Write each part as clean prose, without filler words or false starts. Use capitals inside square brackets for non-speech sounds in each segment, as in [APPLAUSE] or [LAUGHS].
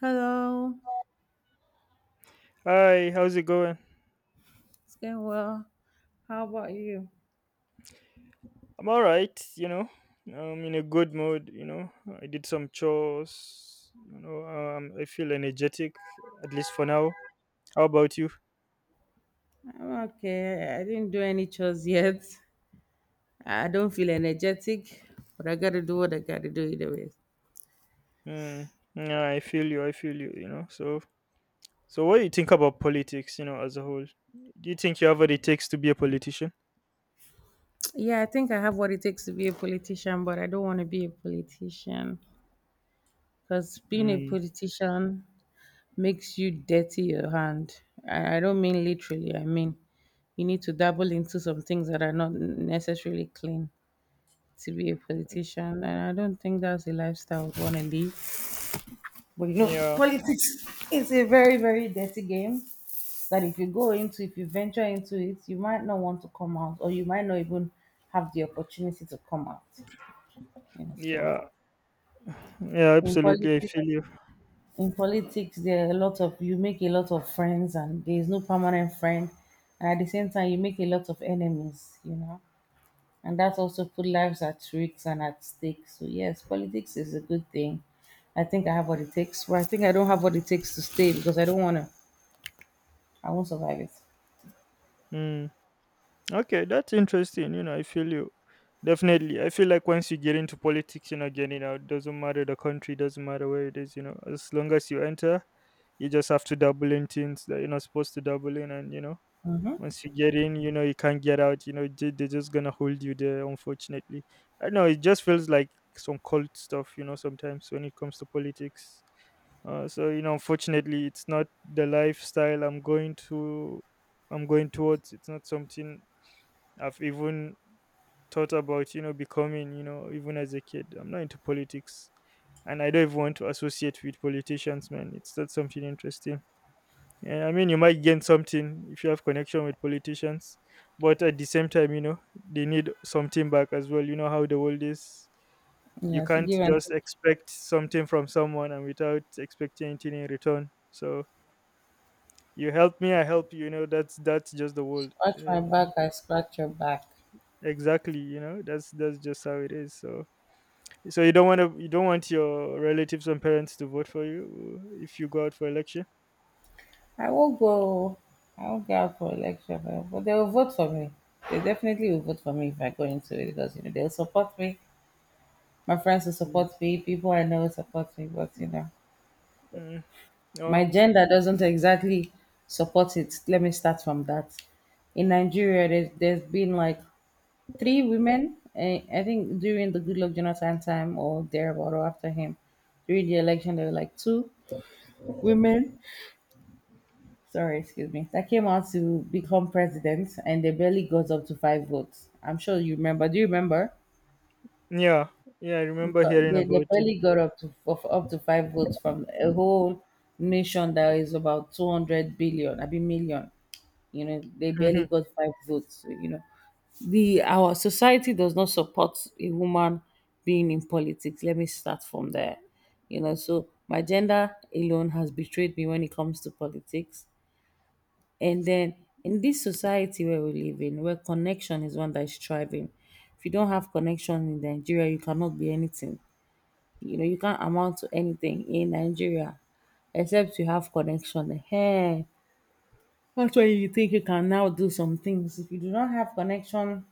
Hello, Hi, how's it going? it's going well. How about you? I'm all right, you know. I'm in a good mood, you know. I did some chores, you know. I feel energetic, at least for now. How about you? I'm okay. I didn't do any chores yet. I don't feel energetic, but I gotta do what I gotta do either way. Mm, yeah, I feel you. I feel you. You know. So what do you think about politics, you know, as a whole? Do you think you have what it takes to be a politician? Yeah, I think I have what it takes to be a politician, but I don't want to be a politician because being a Mm, politician makes you dirty your hand. I don't mean literally, I mean you need to dabble into some things that are not necessarily clean to be a politician. And I don't think that's the lifestyle I would want to live. But you know, yeah, politics is a very, very dirty game that if you go into, if you venture into it, you might not want to come out, or you might not even have the opportunity to come out. You know, so yeah, yeah. in Absolutely, I politics, feel you. in politics, there are a lot of you make a lot of friends, and there is no permanent friend, and at the same time, you make a lot of enemies. You know, and that also put lives at risk and at stake. So yes, politics is a good thing. I think I have what it takes. Well, I think I don't have what it takes to stay because I don't want to I won't survive it. Mm. Okay, that's interesting. You know, I feel you. Definitely. I feel like once you get into politics, you're not getting out. Doesn't matter the country, doesn't matter where it is, you know. As long as you enter, you just have to double in things that you're not supposed to double in, and you know, once you get in, you know, you can't get out, you know, they're just gonna hold you there, unfortunately. I know it just feels like some cult stuff, you know, sometimes when it comes to politics. So you know, unfortunately, it's not the lifestyle I'm going to. I'm going towards. It's not something I've even thought about, you know, becoming, you know, even as a kid. I'm not into politics, and I don't even want to associate with politicians, man. It's not something interesting. And I mean, you might gain something if you have connection with politicians, but at the same time, you know, they need something back as well. You know how the world is. You Yes, you can't give and just take. expect something from someone and without expecting anything in return. So you help me, I help you. You know, that's just the world. Scratch my back, I scratch your back. Exactly. You know, that's just how it is. So you don't want to, you don't want your relatives and parents to vote for you if you go out for election. I won't go. I won't go out for election, but they will vote for me. They definitely will vote for me if I go into it because you know they'll support me. My friends will Mm. support me. People I know will support me. But you know, Mm. Oh, my gender doesn't exactly support it. Let me start from that. In Nigeria, there's been like three women. I think during the Goodluck Jonathan time or thereabout or after him, during the election there were like two women, sorry, excuse me, that came out to become president and they barely got up to five votes. I'm sure you remember. Do you remember? yeah, yeah. I remember Because hearing they about it. barely got up to of- up to five votes from a whole nation that is about 200 billion, I mean million. You know, they barely got [LAUGHS] five votes. So, you know, the our society does not support a woman being in politics. Let me start from there. You know, so my gender alone has betrayed me when it comes to politics. And then in this society where we live in, where connection is one that is thriving, if you don't have connection in Nigeria, you cannot be anything. You know, you can't amount to anything in Nigeria except you have connection. Hey, that's why you think you can now do some things. If you do not have connection,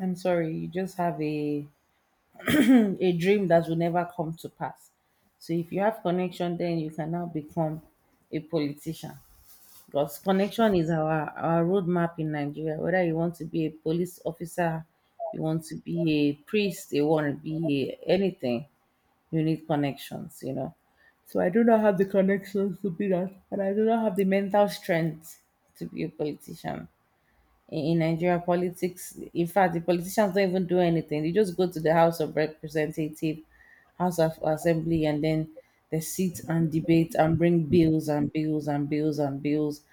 I'm sorry, you just have a dream that will never come to pass. So if you have connection, then you can now become a politician. Because connection is our roadmap in Nigeria. Whether you want to be a police officer, you want to be a priest, you want to be a- anything, you need connections. You know. So I do not have the connections to be that, and I do not have the mental strength to be a politician in Nigeria politics. In fact, the politicians don't even do anything. They just go to the House of Representative, House of Assembly, and then they sit and debate and bring bills and bills and bills and bills,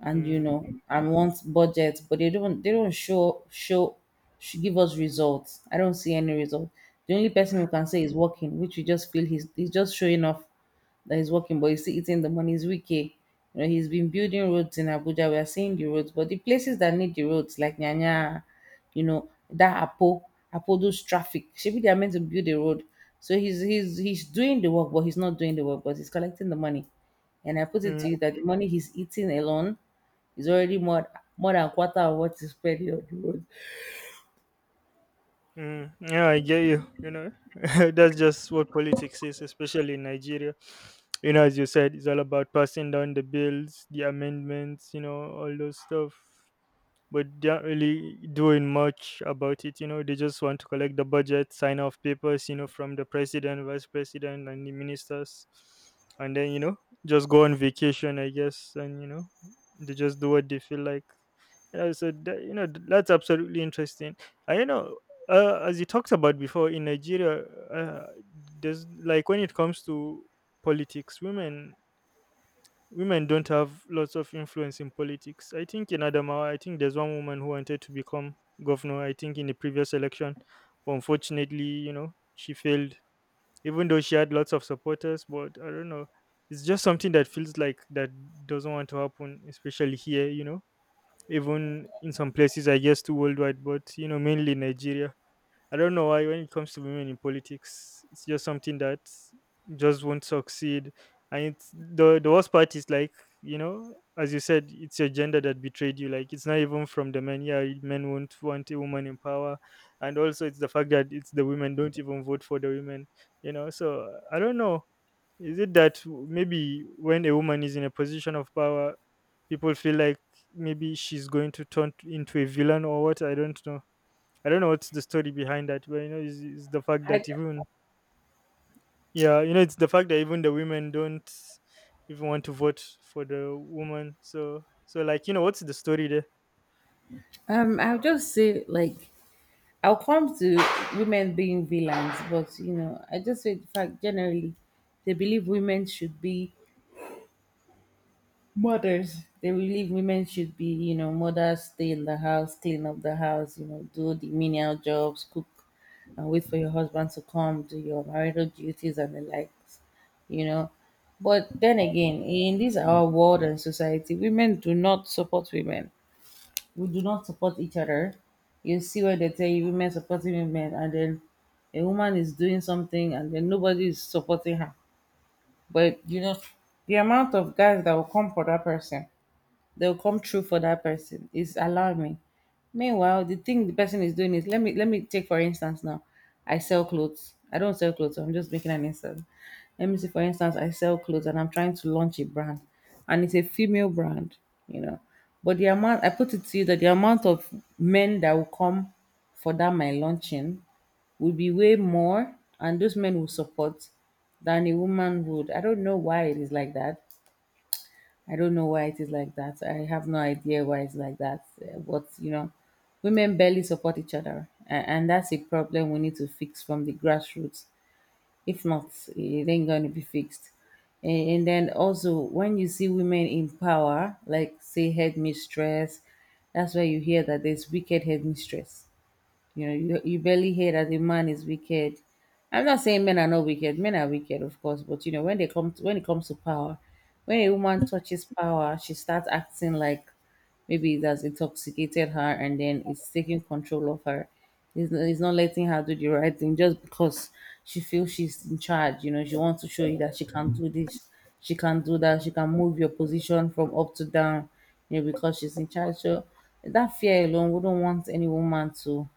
and you Mm. know, and want budgets, but they don't. They don't show should give us results. I don't see any result. The only person who can say is working, which we just feel he's just showing off that is working, but he's still eating the money. He's weak. Eh. You know, he's been building roads in Abuja. We are seeing the roads, but the places that need the roads, like Nyanya, you know, that Apo, Apo those traffic. Maybe they are meant to build a road. So he's doing the work, but he's not doing the work, but he's collecting the money. And I put it Mm. to you that the money he's eating alone is already more than quarter of what is spent on the road. Mm, yeah, I get you. You know, [LAUGHS] that's just what politics is, especially in Nigeria. You know, as you said, it's all about passing down the bills, the amendments, you know, all those stuff, but they aren't really doing much about it. You know, they just want to collect the budget, sign off papers, you know, from the president, vice president, and the ministers, and then you know, just go on vacation, I guess, and you know, they just do what they feel like. Yeah, so that, you know, that's absolutely interesting. And you know, as you talked about before in Nigeria, there's like when it comes to politics, women don't have lots of influence in politics. I think in Adamawa, I think there's one woman who wanted to become governor, I think in the previous election. But unfortunately, you know, she failed, even though she had lots of supporters. But I don't know. It's just something that feels like that doesn't want to happen, especially here, you know, even in some places, I guess, too worldwide, but, you know, mainly Nigeria. I don't know why when it comes to women in politics, it's just something that just won't succeed. And it's the worst part is like, you know, as you said, it's your gender that betrayed you. Like it's not even from the men. Yeah, men won't want a woman in power. And also it's the fact that it's the women don't even vote for the women, you know. So I don't know. Is it that maybe when a woman is in a position of power, people feel like maybe she's going to turn into a villain or what? I don't know. I don't know what's the story behind that, but you know, it's the fact I that even yeah, you know, it's the fact that even the women don't even want to vote for the woman. So like you know, what's the story there? I'll just say like I'll come to women being villains, but you know, I just say the fact generally they believe women should be mothers. They believe women should be, you know, mothers, stay in the house, clean up the house, you know, do the menial jobs, cook, and wait for your husband to come, do your marital duties and the likes, you know. But then again, in this our world and society, women do not support women we do not support each other. You see where they tell you women supporting women, and then a woman is doing something, and then nobody is supporting her. But you know, the amount of guys that will come for that person they'll come true for that person. It's alarming. Meanwhile, the thing the person is doing is let me take for instance now. I sell clothes. I don't sell clothes. I'm just making an instance. Let me see. For instance, I sell clothes and I'm trying to launch a brand, and it's a female brand, you know. But the amount I put it to you that the amount of men that will come for that my launching will be way more, and those men will support than a woman would. I don't know why it is like that. I don't know why it is like that. I have no idea why it's like that. But you know, women barely support each other, and that's a problem we need to fix from the grassroots. If not, it ain't going to be fixed. And then also, when you see women in power, like say headmistress, that's why you hear that there's wicked headmistress. You know, you barely hear that a man is wicked. I'm not saying men are not wicked. Men are wicked, of course, but you know, when they come to, when it comes to power, when a woman touches power, she starts acting like maybe it has intoxicated her and then it's taking control of her. It's not letting her do the right thing just because she feels she's in charge. You know, she wants to show you that she can do this, she can do that, she can move your position from up to down, you know, because she's in charge. So that fear alone wouldn't want any woman to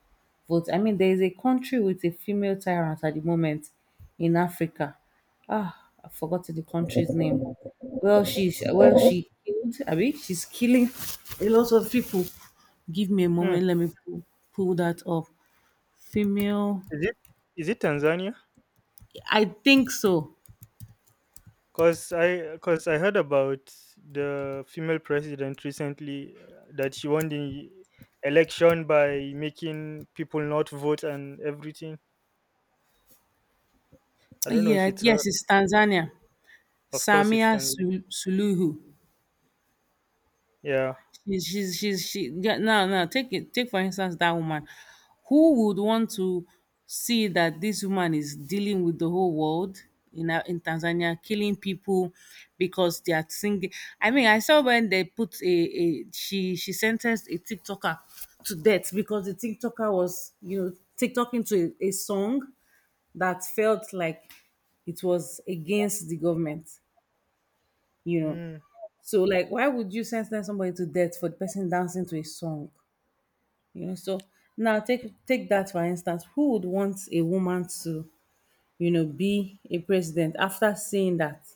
vote. I mean, there is a country with a female tyrant at the moment in Africa. Ah, I forgot the country's name. Well, she's well, she killed. I mean, she's killing a lot of people. Give me a Hmm. moment. Let me pull that up. Female. Is it is it Tanzania? I think so. Cause I heard about the female president recently, that she won the election by making people not vote and everything. I don't know if Yeah. it's Yes, her. it's Tanzania. Of course, it's Samia them. Sul Suluhu. Yeah. She yeah, now take it take for instance that woman. Who would want to see that this woman is dealing with the whole world in a- in Tanzania, killing people because they are singing? I mean, I saw when they put a she sentenced a TikToker to death because the TikToker was you know TikToking to a song that felt like it was against the government, you know. Mm. So, like, why would you sentence somebody to death for the person dancing to a song? You know, so now take that for instance. Who would want a woman to, you know, be a president after seeing that?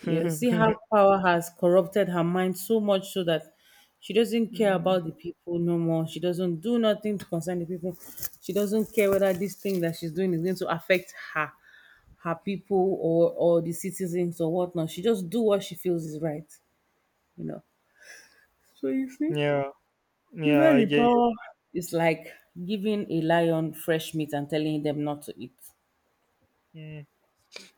You know, see how power has corrupted her mind so much so that she doesn't care Mm. about the people no more. She doesn't do nothing to concern the people. She doesn't care whether this thing that she's doing is going to affect her, her people or the citizens or whatnot. She just do what she feels is right. You know. So you see Yeah. Yeah. Remember I the get you. power is like giving a lion fresh meat and telling them not to eat. Mm.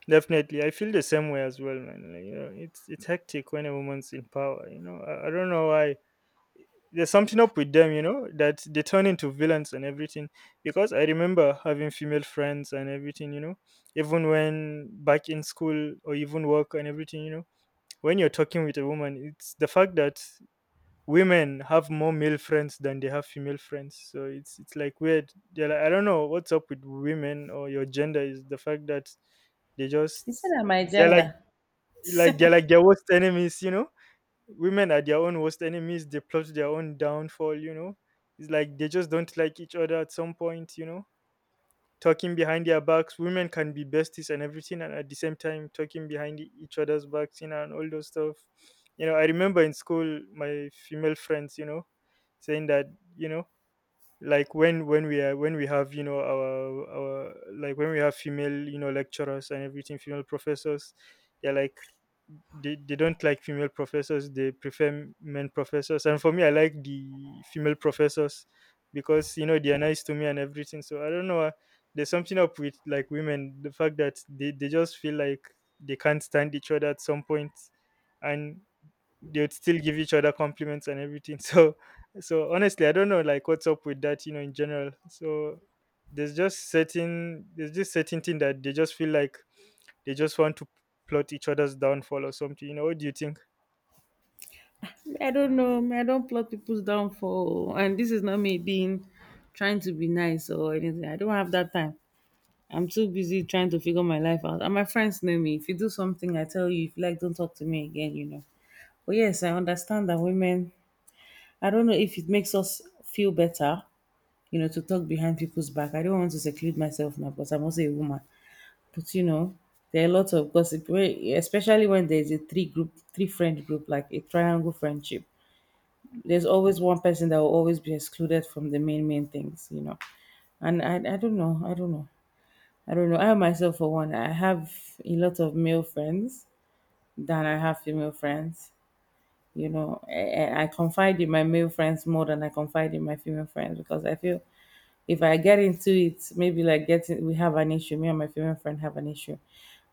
Definitely, I feel the same way as well, man. Like, you know, it's hectic when a woman's in power. You know, I don't know why there's something up with them, you know, that they turn into villains and everything. Because I remember having female friends and everything, you know, even when back in school or even work and everything, you know, when you're talking with a woman, it's the fact that women have more male friends than they have female friends. So it's like weird. They're like, I don't know what's up with women or your gender is the fact that they Instead just of my they're agenda. like they're [LAUGHS] like their worst enemies, you know, women are their own worst enemies, they plot their own downfall, you know, it's like they just don't like each other at some point, you know, talking behind their backs, women can be besties and everything and at the same time talking behind each other's backs, you know, and all those stuff. You know, I remember in school my female friends, you know, saying that, you know, like when we are when we have, you know, our like when we have female, you know, lecturers and everything, female professors, they're like they don't like female professors, they prefer men professors, and for me I like the female professors because, you know, they are nice to me and everything. So I don't know, there's something up with like women, the fact that they just feel like they can't stand each other at some point, and they would still give each other compliments and everything. [LAUGHS] So honestly, I don't know like what's up with that, you know, in general. So there's just certain thing that they just feel like they just want to plot each other's downfall or something. You know, what do you think? Me, I don't know. Me, I don't plot people's downfall. And this is not me being trying to be nice or anything. I don't have that time. I'm too busy trying to figure my life out. And my friends know me. If you do something, I tell you. If you like, don't talk to me again, you know. But yes, I understand that women, I don't know if it makes us feel better, you know, to talk behind people's back. I don't want to seclude myself now because I'm also a woman. But you know, there are a lot of gossip, where- especially when there's a three group, three friend group, like a triangle friendship. There's always one person that will always be excluded from the main things, you know. And I don't know, I don't know. I myself, for one, I have a lot of male friends than I have female friends. You know, I confide in my male friends more than I confide in my female friends because I feel if I get into it, maybe like getting we have an issue, me and my female friend have an issue,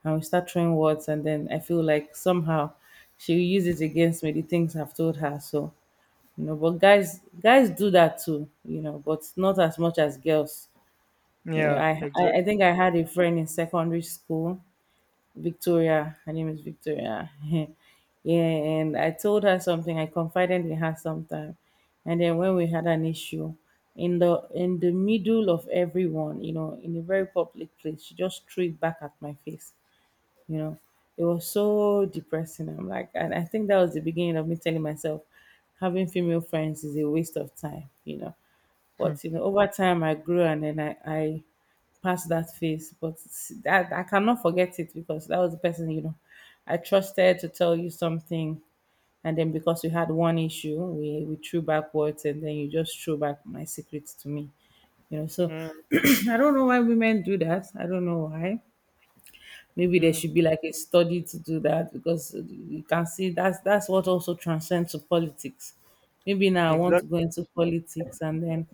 and we start throwing words, and then I feel like somehow she will use it against me. The things I've told her, so But guys, do that too, you know, but not as much as girls. You know, Yeah, I exactly. think I had a friend in secondary school Victoria. Her name is Victoria. [LAUGHS] Yeah, and I told her something. I confided in her sometime, and then when we had an issue, in the middle of everyone, you know, in a very public place, she just threw it back at my face, you know it was so depressing. I'm like, and I think that was the beginning of me telling myself having female friends is a waste of time. But you know, [LAUGHS] over time I grew, and then I passed that phase. But that I cannot forget it because that was the person I trusted to tell you something, and then because we had one issue, we threw backwards, and then you just threw back my secrets to me. So Mm, [CLEARS THROAT] I don't know why women do that. I don't know why. Maybe there mm, should be like a study to do that because you can see that's what also transcends to politics. Maybe now I want to go exactly. into politics, and then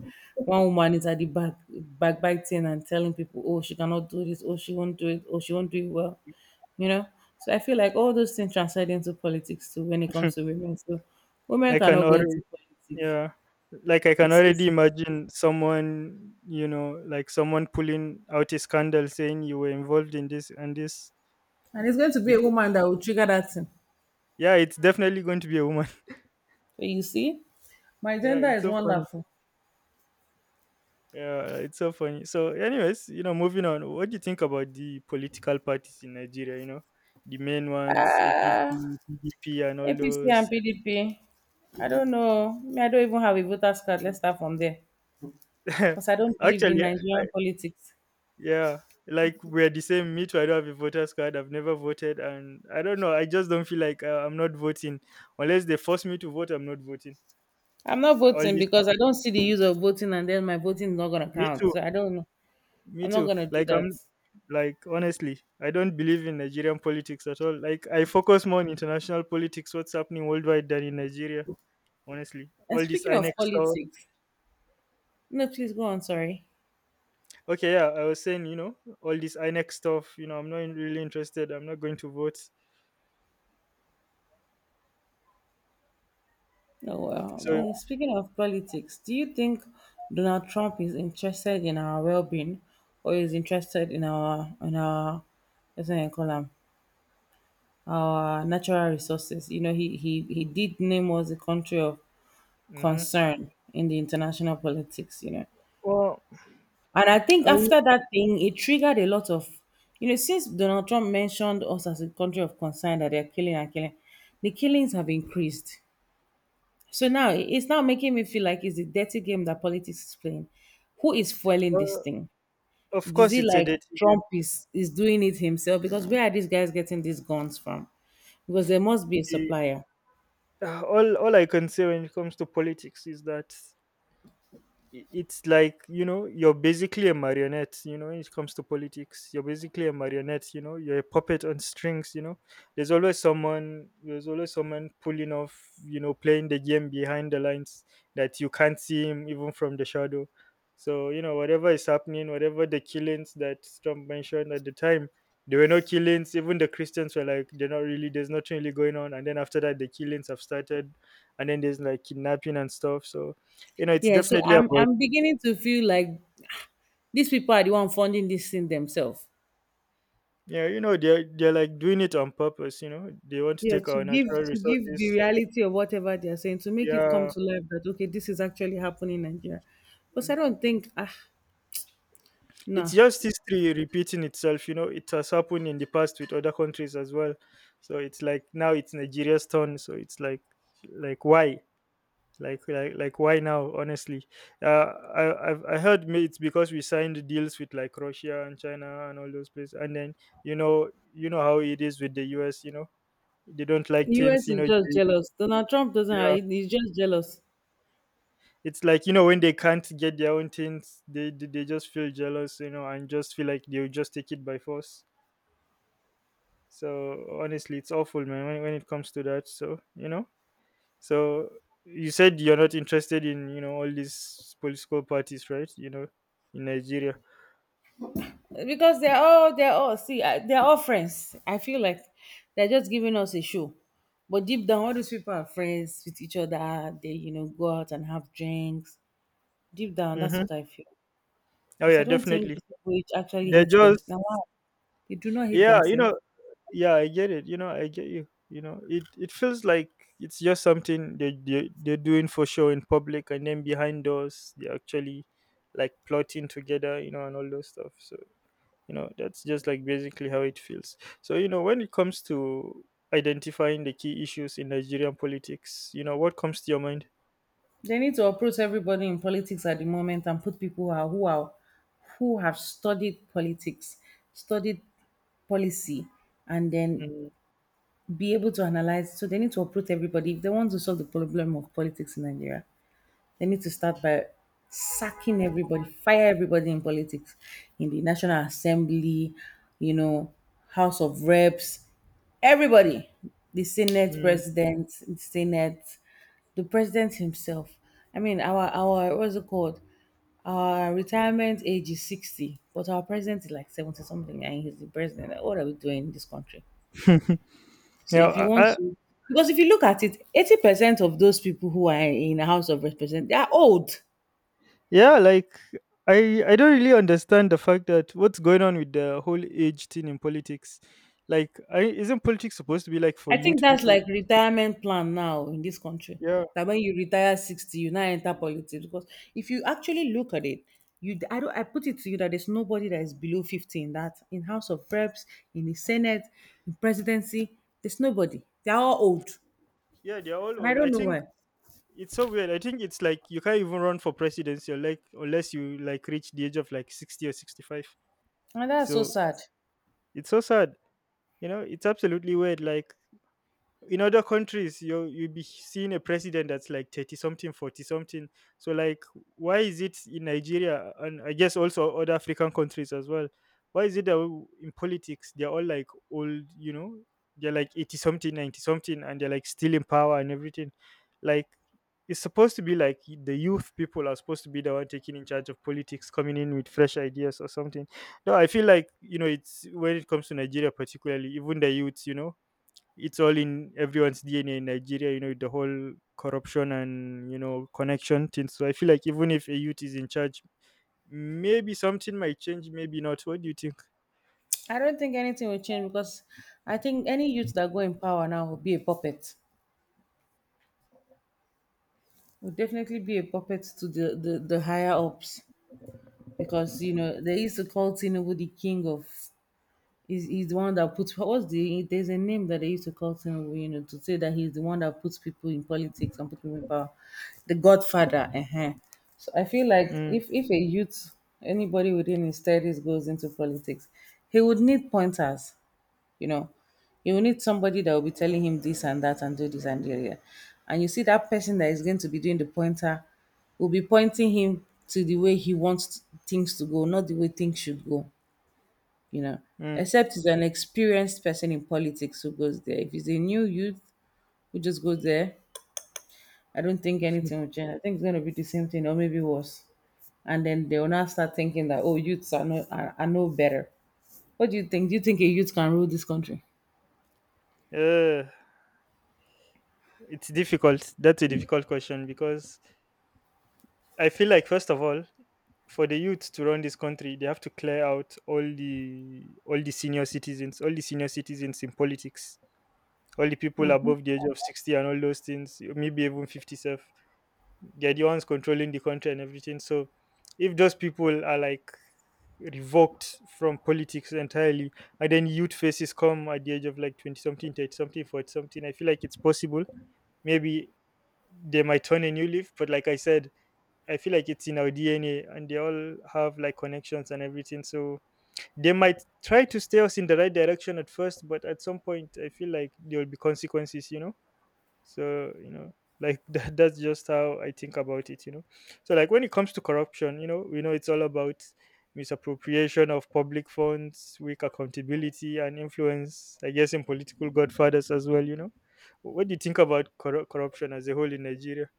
one woman is at the back backbiting and telling people, oh, she cannot do this, oh, she won't do it, oh, she won't do it well, you know. So I feel like all those things transcend into politics too when it comes to women. So women I cannot can go already into politics. Yeah. Like I can It's already easy. imagine someone, you know, like someone pulling out a scandal saying you were involved in this and this And it's going to be a before. woman that will trigger that thing. Yeah, it's definitely going to be a woman. [LAUGHS] So you see, my Yeah, gender it's is so funny. wonderful. Yeah, it's so funny. So, anyways, you know, moving on. What do you think about the political parties in Nigeria? You know, the main ones, Ah. APC, PDP, and all APC those. and PDP. I don't know. Me, I don't even have a voter's card. Let's start from there. Because [LAUGHS] I don't believe in Actually, Nigerian politics. yeah, like we're the same. Me too. I don't have a voter's card. I've never voted, and I don't know. I just don't feel like, I'm not voting unless they force me to vote. I'm not voting. I'm not All voting this. because I don't see the use of voting, and then my voting is not going to Me count. too. So I don't know. Me I'm not too. going to do Like that. I'm. Like honestly, I don't believe in Nigerian politics at all. Like I focus more on international politics, what's happening worldwide, than in Nigeria. Honestly, And all this speaking INEC of stuff. politics, no, please go on. Sorry. Okay, yeah, I was saying, you know, all this INEC stuff. You know, I'm not really interested. I'm not going to vote. No, well, I So, mean, speaking of politics, do you think Donald Trump is interested in our well being or is interested in our, what's it called? Our natural resources. You know, he did name us a country of hmm, concern in the international politics, you know. well, And I think I, after that thing, it triggered a lot of, you know, since Donald Trump mentioned us as a country of concern that they're killing and killing, the killings have increased. So now it's now making me feel like it's a dirty game that politics is playing. Who is fueling this uh, thing? Of Is course, it it's a like dirty game. Trump is doing it himself? Because where are these guys getting these guns from? Because there must be a The- supplier. All I can say when it comes to politics is that it's like, you know, you're basically a marionette, you know, when it comes to politics, you're basically a marionette, you know, you're a puppet on strings, you know, there's always someone pulling off, you know, playing the game behind the lines, that you can't see him even from the shadow. So you know, whatever is happening, whatever the killings that Trump mentioned at the time, there were no killings, even the Christians were like they're not really, there's nothing really going on, and then after that the killings have started, and then there's like kidnapping and stuff. So you know it's Yeah, so definitely about I'm beginning to feel like these people are the one funding this thing themselves. yeah, you know, they're like doing it on purpose, you know. They want to Yeah, take to our give natural the resources. reality of whatever they are saying to make it come Yeah. to life that okay, this is actually happening in Nigeria. Because Mm. I don't think, ah, It's no. just history repeating itself, you know. It has happened in the past with other countries as well. So it's like now it's Nigeria's turn. So it's like why? Like why now, honestly? Uh, I heard it's because we signed deals with like Russia and China and all those places. And then you know, you know how it is with the US, you know. They don't like things, US you is know. just They- jealous. Donald Trump yeah. doesn't, he's just jealous. It's like, you know, when they can't get their own things, they just feel jealous, you know, and just feel like they'll just take it by force. So honestly, it's awful, man, when it comes to that. So, you know. So you said you're not interested in, you know, all these political parties, right? You know, in Nigeria. Because they're all, they're all friends. I feel like they're just giving us a show. But deep down, all these people are friends with each other. They, you know, go out and have drinks. Deep down, that's Mm-hmm. what I feel. Oh Because I yeah, don't think definitely. these people which actually They're hate them. just. Now, wow, they do not hate Yeah, you themselves. know, yeah, I get it. You know, I get you. You know, it feels like it's just something they're doing for show in public, and then behind doors they're actually like plotting together, you know, and all those stuff. So, you know, that's just like basically how it feels. So, you know, when it comes to identifying the key issues in Nigerian politics, you know, what comes to your mind? They need to approach everybody in politics at the moment and put people who are who have studied politics, studied policy, and then Mm. be able to analyze. So they need to approach everybody if they want to solve the problem of politics in Nigeria. They need to start by sacking everybody, fire everybody in politics, in the National Assembly, you know, House of Reps, everybody, the Senate Mm. president, the Senate, the president himself. I mean, our what's it called? Our retirement age is 60, but our president is like 70 something, and he's the president. What are we doing in this country? [LAUGHS] So if you Yeah. Want I to, because if you look at it, 80% of those people who are in the House of Representatives, they are old. Yeah, like I don't really understand the fact that what's going on with the whole age thing in politics. Like, isn't politics supposed to be like for I think youth that's people? like retirement plan now in this country. Yeah, That when you retire 60, you now enter politics because if you actually look at it, you I don't I put it to you that there's nobody that is below 50 in that in House of Reps, in the Senate, in presidency. There's nobody. They're all old, yeah, they're all and I old. don't I know think why. it's so weird. I think it's like you can't even run for presidency or like unless you like reach the age of like 60 or 65. And that's so So sad. it's so sad. You know, it's absolutely weird. Like in other countries, you'll be seeing a president that's like 30 something 40 something. So like why is it in Nigeria, and I guess also other African countries as well, why is it that in politics they're all like old? You know, they're like 80 something 90 something and they're like still in power and everything. Like, it's supposed to be like the youth people are supposed to be the one taking in charge of politics, coming in with fresh ideas or something. No, I feel like, you know, it's when it comes to Nigeria particularly, even the youths, you know, it's all in everyone's DNA in Nigeria, you know, with the whole corruption and, you know, connection thing. So I feel like even if a youth is in charge, maybe something might change, maybe not. What do you think? I don't think anything will change because I think any youth that go in power now will be a puppet. Will definitely be a puppet to the higher ups. Because you know they used to call Tinubu the king of. He's the one that puts, what's the there's a name that they used to call Tinubu, you know, to say that he's the one that puts people in politics and put people in power, the Godfather. Uh huh. So I feel like Mm. If a youth, anybody within his 30s goes into politics, he would need pointers, you know, he will need somebody that will be telling him this and that and do this and the other. And you see that person that is going to be doing the pointer will be pointing him to the way he wants things to go, not the way things should go, you know. Mm. Except he's an experienced person in politics who goes there. If he's a new youth who just goes there, I don't think anything will change. I think it's going to be the same thing or maybe worse. And then they will now start thinking that, oh, youths are, no better. What do you think? Do you think a youth can rule this country? Uh, it's difficult. That's a difficult question because I feel like first of all, for the youth to run this country, they have to clear out all the senior citizens, all the senior citizens in politics, all the people above the age of 60 and all those things, maybe even 57. They're the ones controlling the country and everything. So if those people are like revoked from politics entirely, and then youth faces come at the age of like 20 something, 30 something, 40 something, I feel like it's possible. Maybe they might turn a new leaf, but like I said, I feel like it's in our DNA, and they all have like connections and everything. So they might try to steer us in the right direction at first, but at some point, I feel like there will be consequences, you know? So, you know, like [LAUGHS] that's just how I think about it, you know. So like when it comes to corruption, you know, we know it's all about misappropriation of public funds, weak accountability, and influence, I guess, in political godfathers as well. You know, what do you think about corruption as a whole in Nigeria?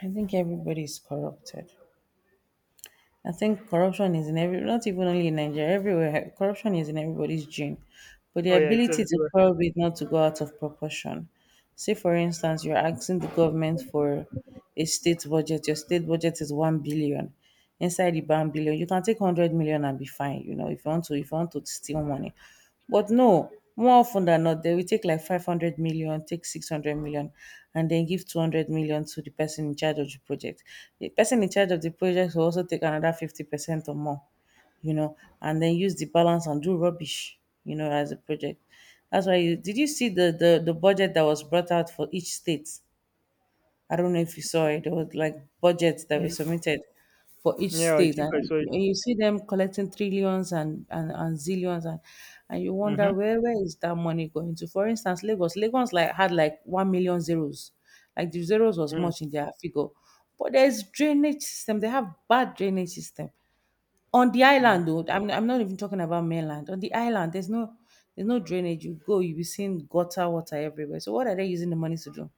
I think everybody's corrupted. I think corruption is in every, not even only in Nigeria, everywhere. Corruption is in everybody's gene. But the Oh yeah, it's ability to everywhere. curb it not to go out of proportion. Say, for instance, you're asking the government for a state budget. Your state budget is 1 billion. Inside the 1 billion, you can take 100 million and be fine. You know, if you want to, if you want to steal money. But no, more often than not, they will take like 500 million, take 600 million, and then give 200 million to the person in charge of the project. The person in charge of the project will also take another 50% or more, you know, and then use the balance and do rubbish, you know, as a project. That's why you did you see the budget that was brought out for each state? I don't know if you saw it. There was like budgets that were Mm. submitted for each Yeah, I state, think I saw it. and you see them collecting trillions and zillions, and you Mm-hmm. wonder where is that money going to? For instance, Lagos, Lagos like had like 1 million zeros, like the zeros was Mm. much in their figure, but there's drainage system. They have bad drainage system on the Mm. island. Though I'm not even talking about mainland. On the island, there's no drainage. You go, you be seeing gutter water everywhere. So what are they using the money to do?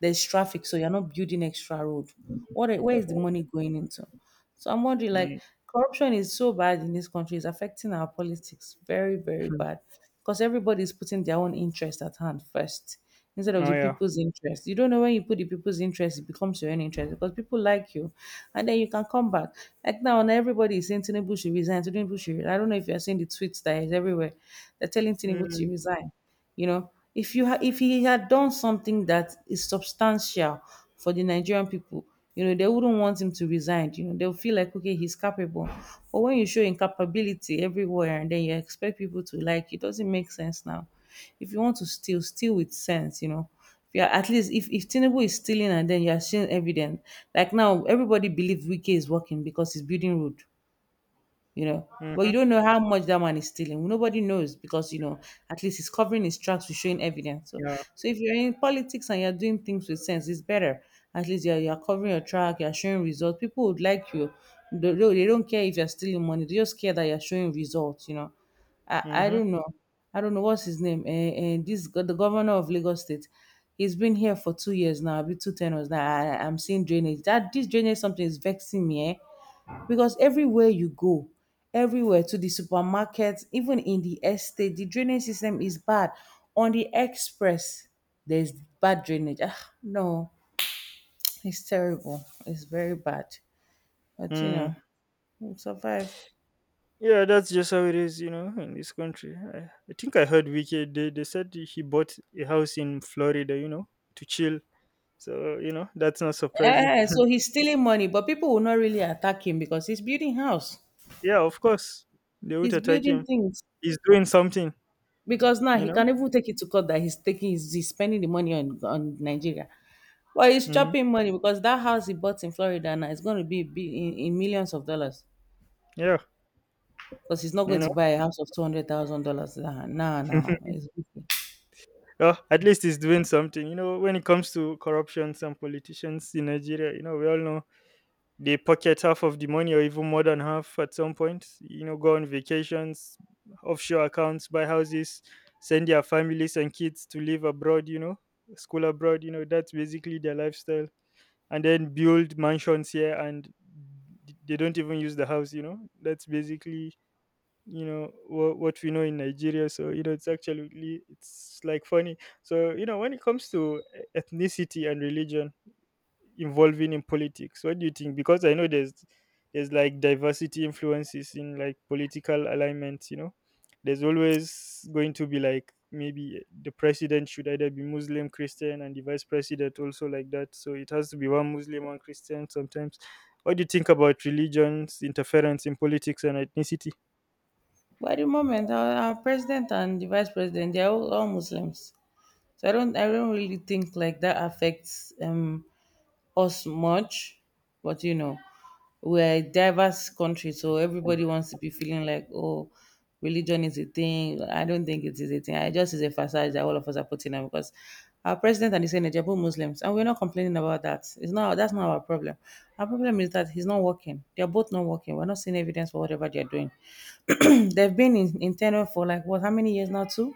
There's traffic, so you're not building extra road. Where is the money going into? So I'm wondering, like, Mm. corruption is so bad in this country, it's affecting our politics very, very [LAUGHS] bad. Because everybody is putting their own interest at hand first instead of Oh the yeah. people's interest. You don't know when you put the people's interest, it becomes your own interest because people like you. And then you can come back. Like now, and everybody is saying Tinubu should resign, Tinubu should resign. I don't know if you're seeing the tweets that is everywhere. They're telling Tinubu to Mm. resign. You know, if you ha- if he had done something that is substantial for the Nigerian people, you know, they wouldn't want him to resign. You know, they'll feel like okay, he's capable. But when you show incapability everywhere and then you expect people to like, it doesn't make sense now. If you want to steal, steal with sense. You know, if you're at least if Tinubu is stealing and then you are seeing evidence, like now everybody believes Wike is working because he's building road you know. But you Mm-hmm. don't know how much that man is stealing. Nobody knows because you know at least he's covering his tracks with showing evidence. So, Yeah. so if you're in politics and you're doing things with sense, it's better. At least you're covering your track, you're showing results. People would like you. They don't care if you're stealing money. They just care that you're showing results. You know, I Mm-hmm. don't know. I don't know what's his name. And the governor of Lagos State, he's been here for 2 years now. I'll Be two tenors now. I'm seeing drainage. That this drainage something is vexing me. Eh? Because everywhere you go, everywhere to the supermarket, even in the estate the drainage system is bad, on the express there's bad drainage. Ah, no, it's terrible, it's very bad. But you Mm. know, we'll survive. Yeah, that's just how it is, you know, in this country. I think I heard Wiki, they said he bought a house in Florida, you know, to chill. So, you know, that's not surprising. Yeah, so he's stealing money but people will not really attack him because he's building house, Yeah, of course. They would he's attack building him. things, He's doing something, because now you he know? can even take it to court that he's spending the money on Nigeria. Well, he's Mm. chopping money because that house he bought in Florida now is going to be big in millions of dollars. Yeah, Because he's not you going know. to buy a house of $200,000. Nah, nah, nah. [LAUGHS] It's okay. Oh, at least he's doing something. You know, when it comes to corruptions and politicians in Nigeria, you know, we all know. They pocket half of the money or even more than half at some point, you know, go on vacations, offshore accounts, buy houses, send their families and kids to live abroad, you know, school abroad, you know, that's basically their lifestyle. And then build mansions here, and they don't even use the house, you know. That's basically, you know, what we know in Nigeria. So, you know, it's actually, it's like funny. So, you know, when it comes to ethnicity and religion involving in politics, what do you think? Because I know there's like diversity influences in like political alignments, you know. There's always going to be like, maybe the president should either be Muslim, Christian, and the vice president also like that. So it has to be one Muslim, one Christian sometimes. What do you think about religions interference in politics and ethnicity? But at the moment, our president and the vice president, they're all Muslims. So I don't really think like that affects us much, but you know, we're a diverse country, so everybody wants to be feeling like, oh, religion is a thing. I don't think it is a thing. I just is a facade that all of us are putting on because our president and the Senate are both Muslims, and we're not complaining about that. It's not that's not our problem. Our problem is that he's not working. They're both not working. We're not seeing evidence for whatever they're doing. [CLEARS THROAT] They've been in tenure for like what? How many years now? Two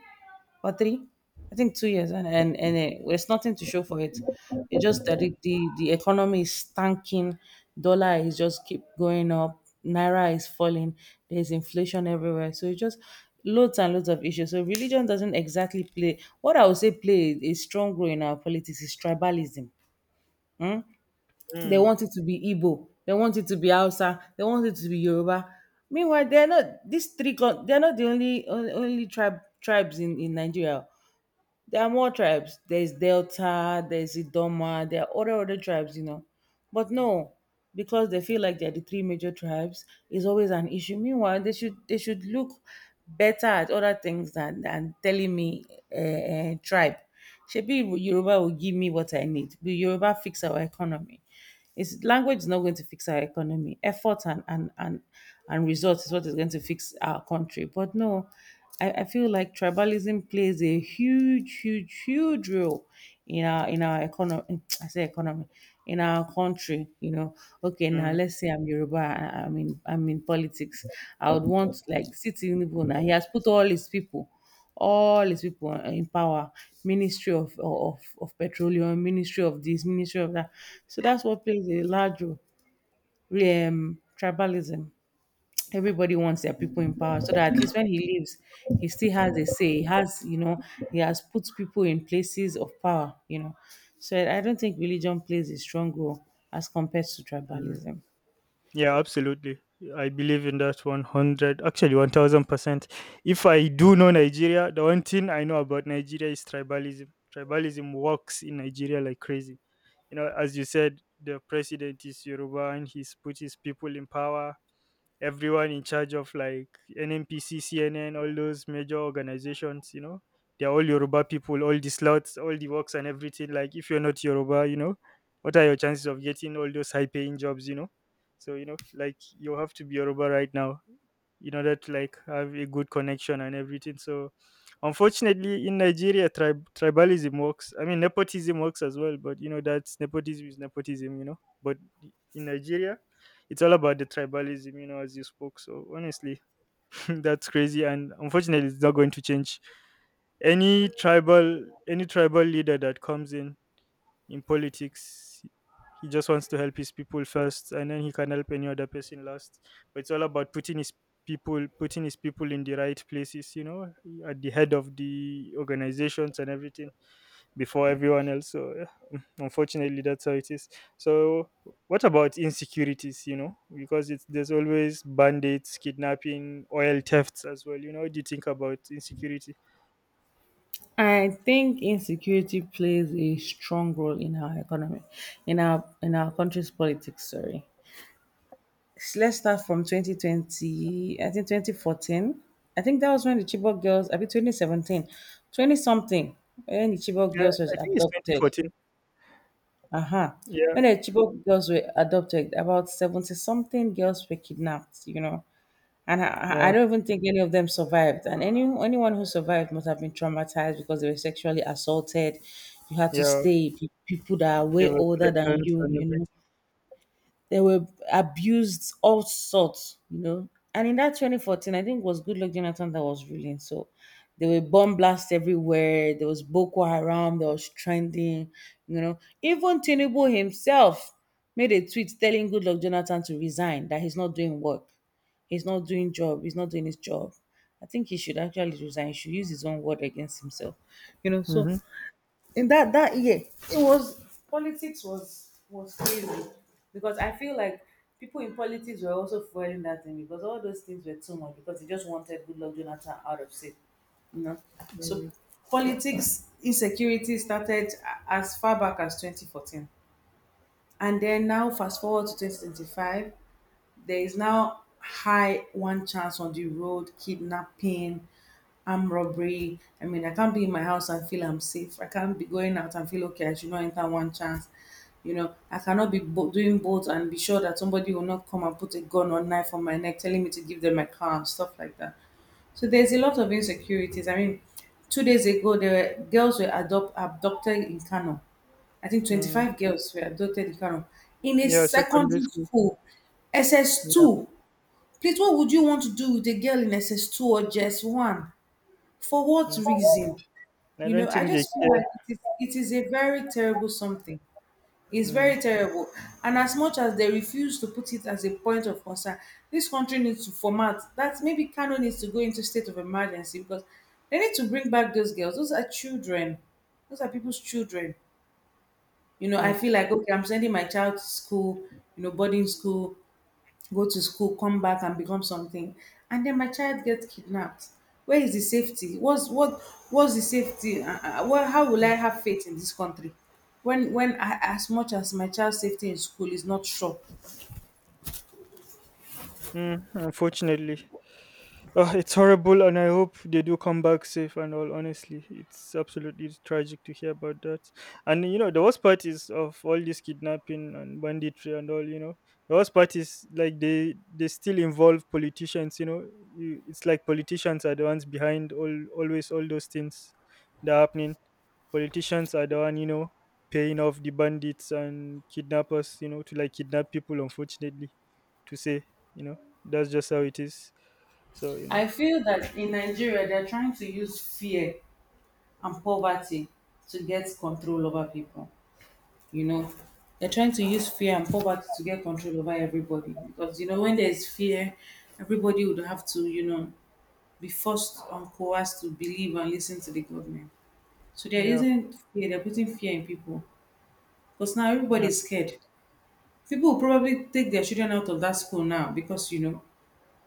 or three, I think 2 years, and and there's nothing to show for it. It's just that the economy is tanking, dollar is just keep going up, naira is falling, there's inflation everywhere, so it's just loads and loads of issues. So religion doesn't exactly play, what I would say play a strong role in our politics, is tribalism. Hmm? They Mm. want it to be Igbo, they want it to be Hausa, they want it to be Yoruba. Meanwhile, they're not these three. They're not the only tribes in Nigeria. There are more tribes. There's Delta, there's Idoma, there are other tribes, you know. But no, because they feel like they're the three major tribes, is always an issue. Meanwhile, they should look better at other things than telling me tribe. Shebi Yoruba will give me what I need. Will Yoruba fix our economy? It's, language is not going to fix our economy. Effort and results is what is going to fix our country. But no, I feel like tribalism plays a huge, huge, huge role in our economy. [TSK] I say economy in our country. You know, okay, now Mm. let's say I'm Yoruba. I mean, I'm in politics. I would want like sitting Tinubu now. He has put all his people, all his people are in power, ministry of, of petroleum, ministry of this, ministry of that, so that's what plays a large role. Tribalism. Everybody wants their people in power so that at least when he leaves he still has a say, he has you know, he has put people in places of power, you know. So I don't think religion plays a strong role as compared to Mm. tribalism. Yeah, absolutely. I believe in that 100, actually 1000%. If I do know Nigeria, the one thing I know about Nigeria is tribalism. Tribalism works in Nigeria like crazy. You know, as you said, the president is Yoruba and he's put his people in power, everyone in charge of like NNPC, CNN, all those major organizations. You know, they're all Yoruba people, all the slots, all the works and everything. Like, if you're not Yoruba, you know, what are your chances of getting all those high paying jobs, you know? So, you know, like you have to be Yoruba right now in order to like have a good connection and everything. So, unfortunately, in Nigeria, tribalism works. I mean, nepotism works as well, but you know, that's nepotism is nepotism, you know. But in Nigeria, it's all about the tribalism, you know, as you spoke. So honestly, [LAUGHS] that's crazy, and unfortunately, it's not going to change. Any tribal leader that comes in politics, he just wants to help his people first, and then he can help any other person last. But it's all about putting his people in the right places, you know, at the head of the organizations and everything, before everyone else. So unfortunately that's how it is. So what about insecurities, you know, because it's there's always bandits, kidnapping, oil thefts as well. You know, what do you think about insecurity? I think insecurity plays a strong role in our economy, in our country's politics. Sorry, let's start from 2020, I think 2014. I think that was when the Chibok girls, I mean 2017, 20 something, when the Chibok Yeah, girls was I think it's adopted. 2014. Uh-huh. Yeah. When the Chibok girls were adopted, about 70 something girls were kidnapped, you know. And I Yeah. don't even think any of them survived. And anyone who survived must have been traumatized because they were sexually assaulted. You had to Yeah, stay with people that are they way were older than pregnant you, and you know. everything. They were abused all sorts, you know. And in that 2014, I think it was Good Luck Jonathan that was ruling. So there were bomb blasts everywhere. There was Boko Haram. There was trending, you know. Even Tinubu himself made a tweet telling Good Luck Jonathan to resign, that he's not doing job he's not doing his job. I think he should actually resign, he should use his own word against himself, you know. So Mm-hmm. in that year, it was, politics was crazy, because I feel like people in politics were also fueling that thing because all those things were too much because they just wanted Good Luck Jonathan out of state, you know. So Mm. politics insecurity started as far back as 2014. And then now fast forward to 2025, there is now high one chance on the road, kidnapping, armed robbery. I mean, I can't be in my house and feel I'm safe. I can't be going out and feel okay. I should not enter one chance. You know, I cannot be doing both and be sure that somebody will not come and put a gun or knife on my neck, telling me to give them my car and stuff like that. So there's a lot of insecurities. I mean, 2 days ago, there were girls were adopt abducted in Kano. I think Mm. 25 girls were adopted in Kano, in a Yeah, secondary secondary school. school, Yeah. SS2. Please, what would you want to do with a girl in SS2 or just one? For what Mm. reason? I You know, don't I think they just feel care. like it is a very terrible something. It's Mm. very terrible. And as much as they refuse to put it as a point of concern, this country needs to format that, maybe Kano needs to go into state of emergency because they need to bring back those girls. Those are children. Those are people's children. You know, I Mm. feel like okay, I'm sending my child to school, you know, boarding school, go to school, come back and become something, and then my child gets kidnapped. Where is the safety? What's what, what's the safety? Well, how will I have faith in this country when I, as much as my child's safety in school is not sure. Mm, unfortunately. Oh, it's horrible, and I hope they do come back safe and all. Honestly, it's absolutely tragic to hear about that. And you know, the worst part is of all this kidnapping and banditry and all. You know, the worst part is like they still involve politicians. You know, it's like politicians are the ones behind all always all those things that are happening. Politicians are the one, you know, paying off the bandits and kidnappers, you know, to like kidnap people. Unfortunately, to say, you know, that's just how it is. So, you know, I feel that in Nigeria they're trying to use fear and poverty to get control over people, you know. They're trying to use fear and poverty to get control over everybody because you know when there's fear everybody would have to you know be forced and coerced to believe and listen to the government. So they're yeah, using fear, they're putting fear in people, because now yeah, everybody's scared. People will probably take their children out of that school now, because you know,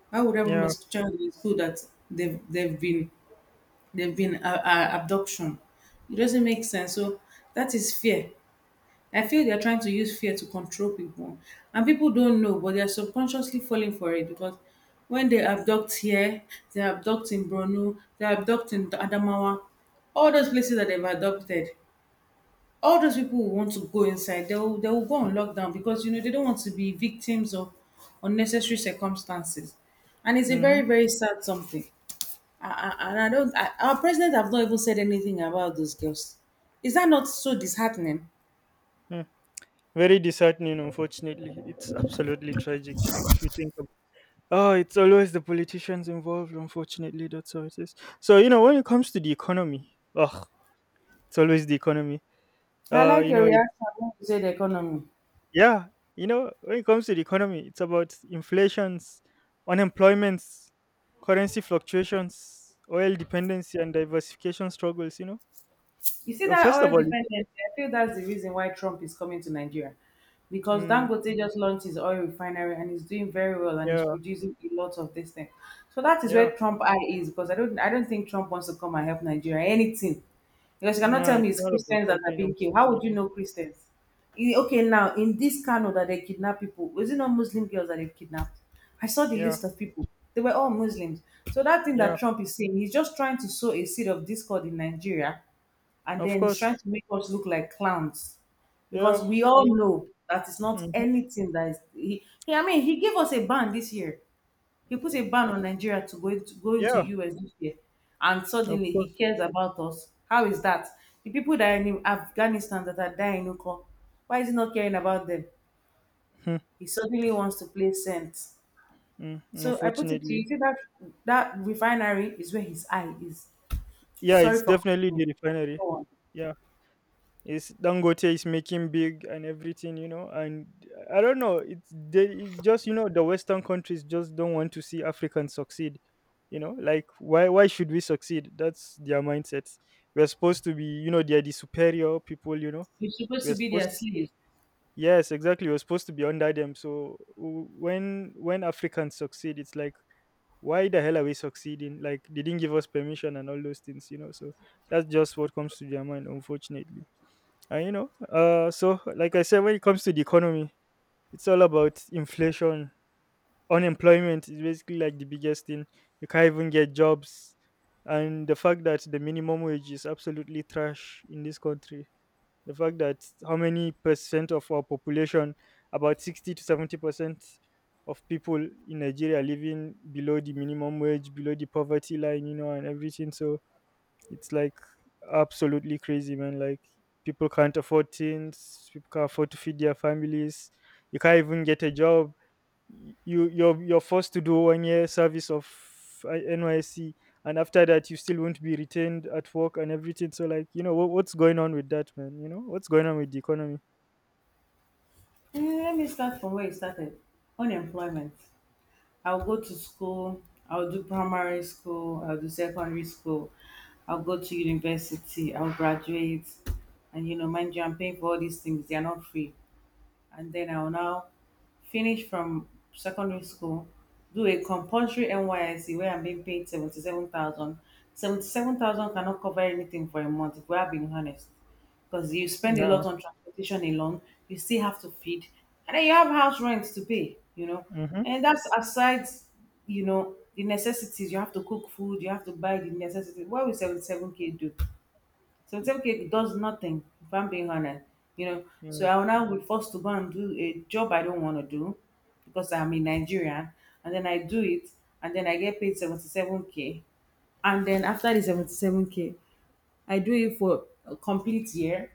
why would I put my yeah. child in school that they've they've been they've been abduction? It doesn't make sense. So that is fear. I feel they're trying to use fear to control people, and people don't know, but they're subconsciously falling for it because when they abduct here, they abduct in Brno, they abduct in Adamawa, all those places that they've adopted, all those people who want to go inside, they will go on lockdown because you know they don't want to be victims of unnecessary circumstances, and it's a Mm-hmm. very very sad something. I, and I don't, I, Our president have not even said anything about those girls. Is that not so disheartening? Mm. Very disheartening, unfortunately. It's absolutely tragic if you think about. Oh, it's always the politicians involved, unfortunately. That's how it is. So, you know, when it comes to the economy, oh, it's always the economy. I Uh, like you your know, reaction when you say the economy. yeah, you know, when it comes to the economy, it's about inflations, unemployments, currency fluctuations, oil dependency, and diversification struggles. You know, You see Uh, that first of oil all, dependence, I feel that's the reason why Trump is coming to Nigeria. Because mm, Dangote just launched his oil refinery and he's doing very well and he's yeah, producing a lot of this thing. So that is yeah, where Trump eye is because I don't think Trump wants to come and help Nigeria anything. Because you cannot no, tell me it's it's not about Christians that are helping, being killed. How would you unfortunately. know Christians? Eh, okay, now in this Kano that they kidnap people, was it not Muslim girls that they've kidnapped? I saw the Yeah, list of people. They were all Muslims. So that thing yeah, that Trump is saying, he's just trying to sow a seed of discord in Nigeria and of then he's course. trying to make us look like clowns because Yeah, we all know that it's not mhm, anything that is he I mean he gave us a ban this year. He put a ban on Nigeria to go into yeah, US this year. And of suddenly he course. cares about us. How is that? The people that are in Afghanistan that are dying, Oko, why is he not caring about them? Mm. He suddenly wants to play saint. Mm. So I put it to Unfortunately, you, see that that refinery is where his eye is. yeah, Sorry it's for definitely cutting. the refinery. Go on. Yeah. is Dangote is making big and everything, you know. And I don't know, it just you know, the Western countries just don't want to see Africans succeed, you know. Like why should we succeed? That's their mindset. We're supposed to be, you know, they're the superior people, you know. We're supposed to We're be their supposed slaves. Yes, exactly. We're supposed to be under them. So when Africans succeed, it's like why the hell are we succeeding? Like they didn't give us permission and all those things, you know. So that's just what comes to their mind, unfortunately. And you know, so like I said, when it comes to the economy, it's all about inflation. Unemployment is basically like the biggest thing. You can't even get jobs, and the fact that the minimum wage is absolutely trash in this country. The fact that how many percent of our population, about 60 to 70% of people in Nigeria living below the minimum wage, below the poverty line, you know, and everything. So it's like absolutely crazy, man. Like, people can't afford things, people can't afford to feed their families. You can't even get a job. You're forced to do 1 year service of uh, NYSC, and after that you still won't be retained at work and everything. So like, you know, what's going on with that, man? You know what's going on with the economy? Let me start from where you started. Unemployment. I'll go to school. I'll do primary school. I'll do secondary school. I'll go to university. I'll graduate. And mind you, I'm paying for all these things. They are not free, and then I'll now finish from secondary school, do a compulsory NYSC where I'm being paid 77,000. 77,000 cannot cover anything for a month, if we are being honest, because you spend a lot No. on transportation alone. You still have to feed, and then you have house rent to pay. Mhm. And that's aside, the necessities. You have to cook food, you have to buy the necessities. What will 77K do? So self-care does nothing, if I'm being honest. You know, so Mm. I will now be forced to go and do a job I don't want to do because I'm a Nigerian, and then I do it, and then I get paid 77k. And then after the 77k, I do it for a complete year.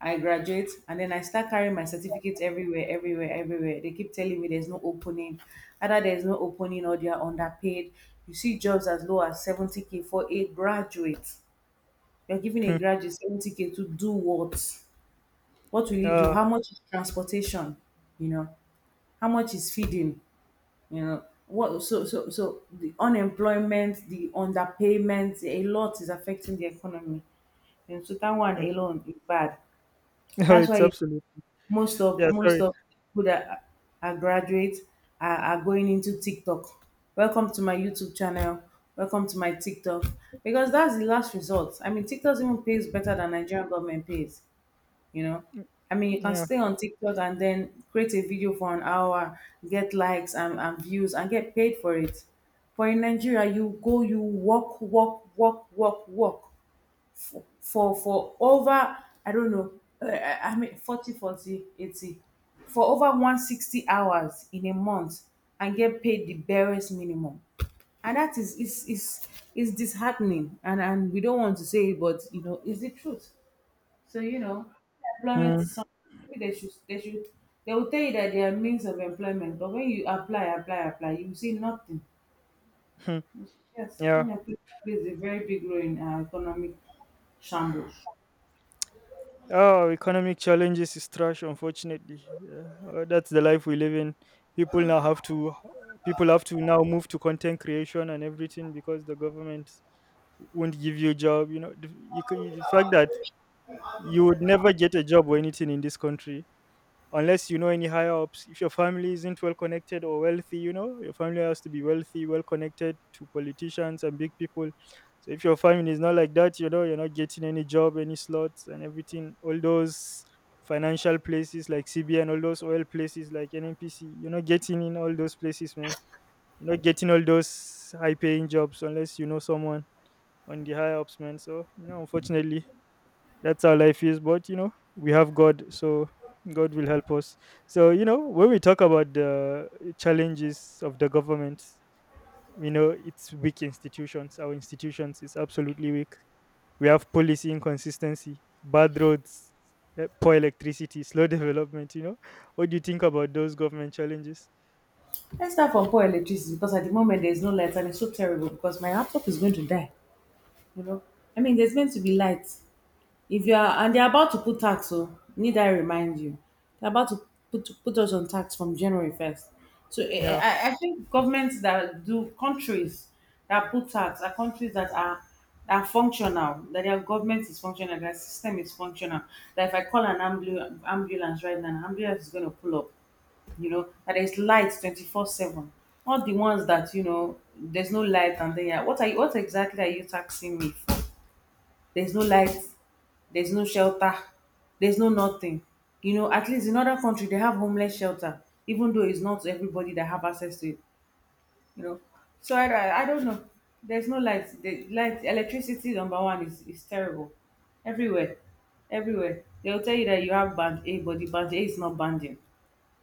I graduate and then I start carrying my certificates everywhere, everywhere, everywhere. They keep telling me there's no opening. Either there's no opening or they are underpaid. You see jobs as low as 70k for a graduate. You're giving a Hmm. graduate 70k to do what? What will he do? Uh, How much is transportation? You know, how much is feeding? You know, what? So the unemployment, the underpayment, a lot is affecting the economy. And so that one mm. alone is bad. [LAUGHS] No, That's it's why absolute. most of Yeah, most sorry. of people that are graduates are going into TikTok. Welcome to my YouTube channel. Welcome to my TikTok. Because that's the last resort. I mean, TikTok even pays better than Nigerian government pays. you know Mm. i mean you can Yeah. stay on TikTok and then create a video for an hour, get likes and views and get paid for it. But in Nigeria, you go, you walk walk walk walk walk for over, I don't know, I mean, 40, 40, 80, for over 160 hours in a month and get paid the barest minimum. And that is disheartening, and we don't want to say it, but you know it's the truth. So, employment is Mm. some. Maybe they will tell you that they are means of employment, but when you apply, apply, apply, you will see nothing. Hmm. Yes, Yeah. unemployment plays a very big role in our economic shambles. Oh, economic challenges is trash, unfortunately. Yeah. That's the life we live in. People now have to, people have to now move to content creation and everything because the government won't give you a job. You know, the fact that you would never get a job or anything in this country unless you know any higher ups. If your family isn't well connected or wealthy, you know, your family has to be wealthy, well connected to politicians and big people. So if your family is not like that, you know, you're not getting any job, any slots and everything. All those financial places like cbn, all those oil places like nnpc, you're not getting in all those places, man. You're not getting all those high paying jobs unless you know someone on the higher ups, man. So you know, unfortunately that's how life is. But you know, we have God, so God will help us. So you know, when we talk about the challenges of the government, you know, it's weak institutions. Our institutions is absolutely weak. We have policy inconsistency, bad roads, poor electricity, slow [LAUGHS] development. You know, what do you think about those government challenges? Let's start from poor electricity because at the moment there is no light and it's so terrible because my laptop is going to die. You know, I mean, there's going to be light. If you are and they're about to put tax, oh, need I remind you. They're about to put us on tax from January 1st. So I, Yeah. I I think governments that do countries that put tax are countries that are functional, that their government is functional, their system is functional. That if I call an ambulance right now, an ambulance is gonna pull up. You know, that there's light 24/7. Not the ones that, there's no light and then yeah, what exactly are you taxing me for? There's no light, there's no shelter, there's no nothing. At least in other country they have homeless shelter, even though it's not everybody that have access to it. You know, so I don't know. There's no light. The light, electricity number one is terrible, everywhere, everywhere. They'll tell you that you have band A, but the band A is not banding.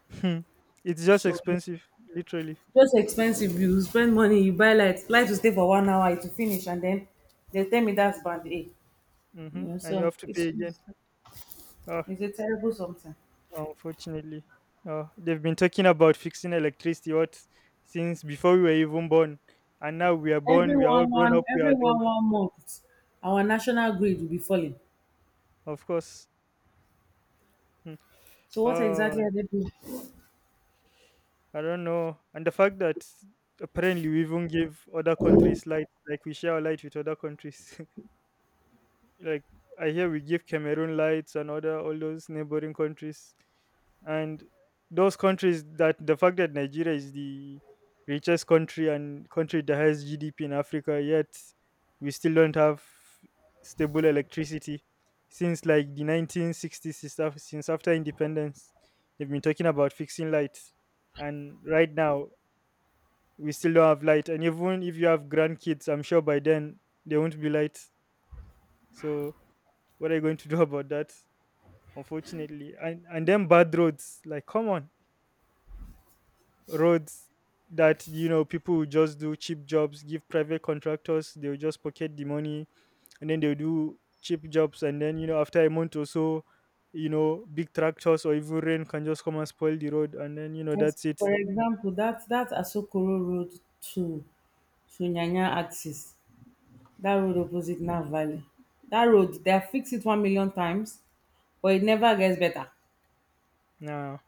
[LAUGHS] It's just So you- expensive, literally. just expensive. You spend money, you buy light. Light will stay for 1 hour, it will finish, and then they tell me that's band A. You Hmm, know, and you so have to pay it's again. it's, Ah. it's a terrible something. Unfortunately, they've been talking about fixing electricity what since before we were even born, and now we are born, Every we are all one grown one up, we are every one adults, one month, our national grid will be falling. of course. Hmm. So what Oh, exactly are they doing? I don't know, and the fact that apparently we even give other countries light, like we share our light with other countries. [LAUGHS] Like I hear we give Cameroon lights and other all those neighboring countries, and those countries that the fact that Nigeria is the richest country and country that has GDP in Africa, yet we still don't have stable electricity since like the 1960s, since since after independence they've been talking about fixing lights, and right now we still don't have light. And even if you have grandkids, I'm sure by then there won't be light. So what are you going to do [LAUGHS] about that, unfortunately? And then bad roads, like come on. Roads that, you know, people will just do cheap jobs, give private contractors, they'll just pocket the money, and then they'll do cheap jobs, and then you know, after a month or so, you know, big tractors or even rain can just come and spoil the road, and then you know, Yes, that's it. for example, that Asokoro road to to Nyanya axis, that road opposite Nav Valley, that road they have fixed it 1 million times, but it never gets better. No.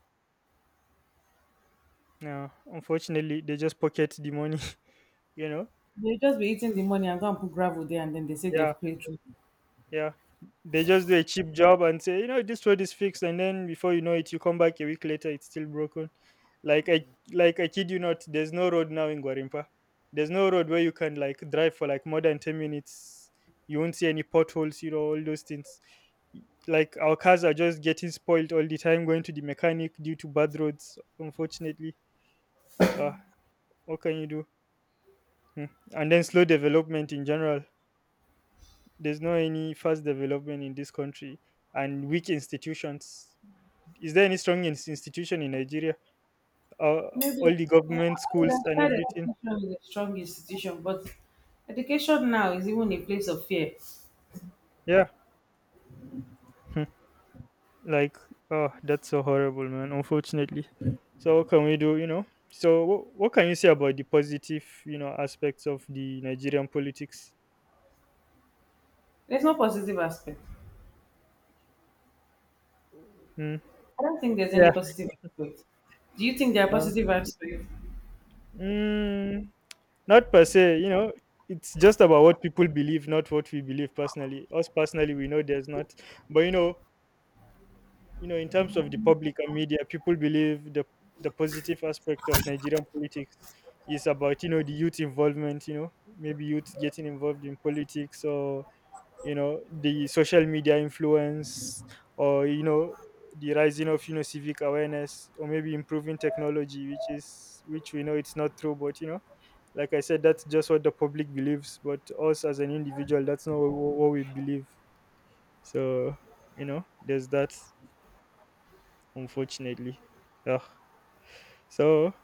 No, unfortunately they just pocket the money. [LAUGHS] You know. They just be eating the money and go and put gravel there, and then they say Yeah. they've created road. Yeah. They just do a cheap job and say, you know, this road is fixed, and then before you know it, you come back a week later, it's still broken. Like I like I kid you not, there's no road now in Guarimpa. There's no road where you can like drive for like more than 10 minutes. You won't see any potholes, you know, all those things. Like our cars are just getting spoiled all the time, going to the mechanic due to bad roads, unfortunately. Uh what can you do? Hmm. And then slow development in general. There's no any fast development in this country, and weak institutions. Is there any strong institution in Nigeria? uh, Maybe all the I government would schools have and said everything. education is a strong institution, but education now is even a place of fear. Yeah. Hmm. Like, oh, that's so horrible, man. Unfortunately. So what can we do, you know? So what can you say about the positive, you know, aspects of the Nigerian politics? There's no positive aspect. Hmm. I don't think there's Yeah. any positive aspect. Do you think there are uh, positive aspects? mm, Not per se, you know. It's just about what people believe, not what we believe personally. Us personally, we know there's not, but you know. You know, in terms of the public and media, people believe the positive aspect of Nigerian politics is about, you know, the youth involvement. You know, maybe youth getting involved in politics, or you know, the social media influence, or you know, the rising of, you know, civic awareness, or maybe improving technology, which is which we know it's not true, but you know. Like I said, that's just what the public believes, but us as an individual, that's not what, what we believe. So, you know, there's that, unfortunately. Ugh. So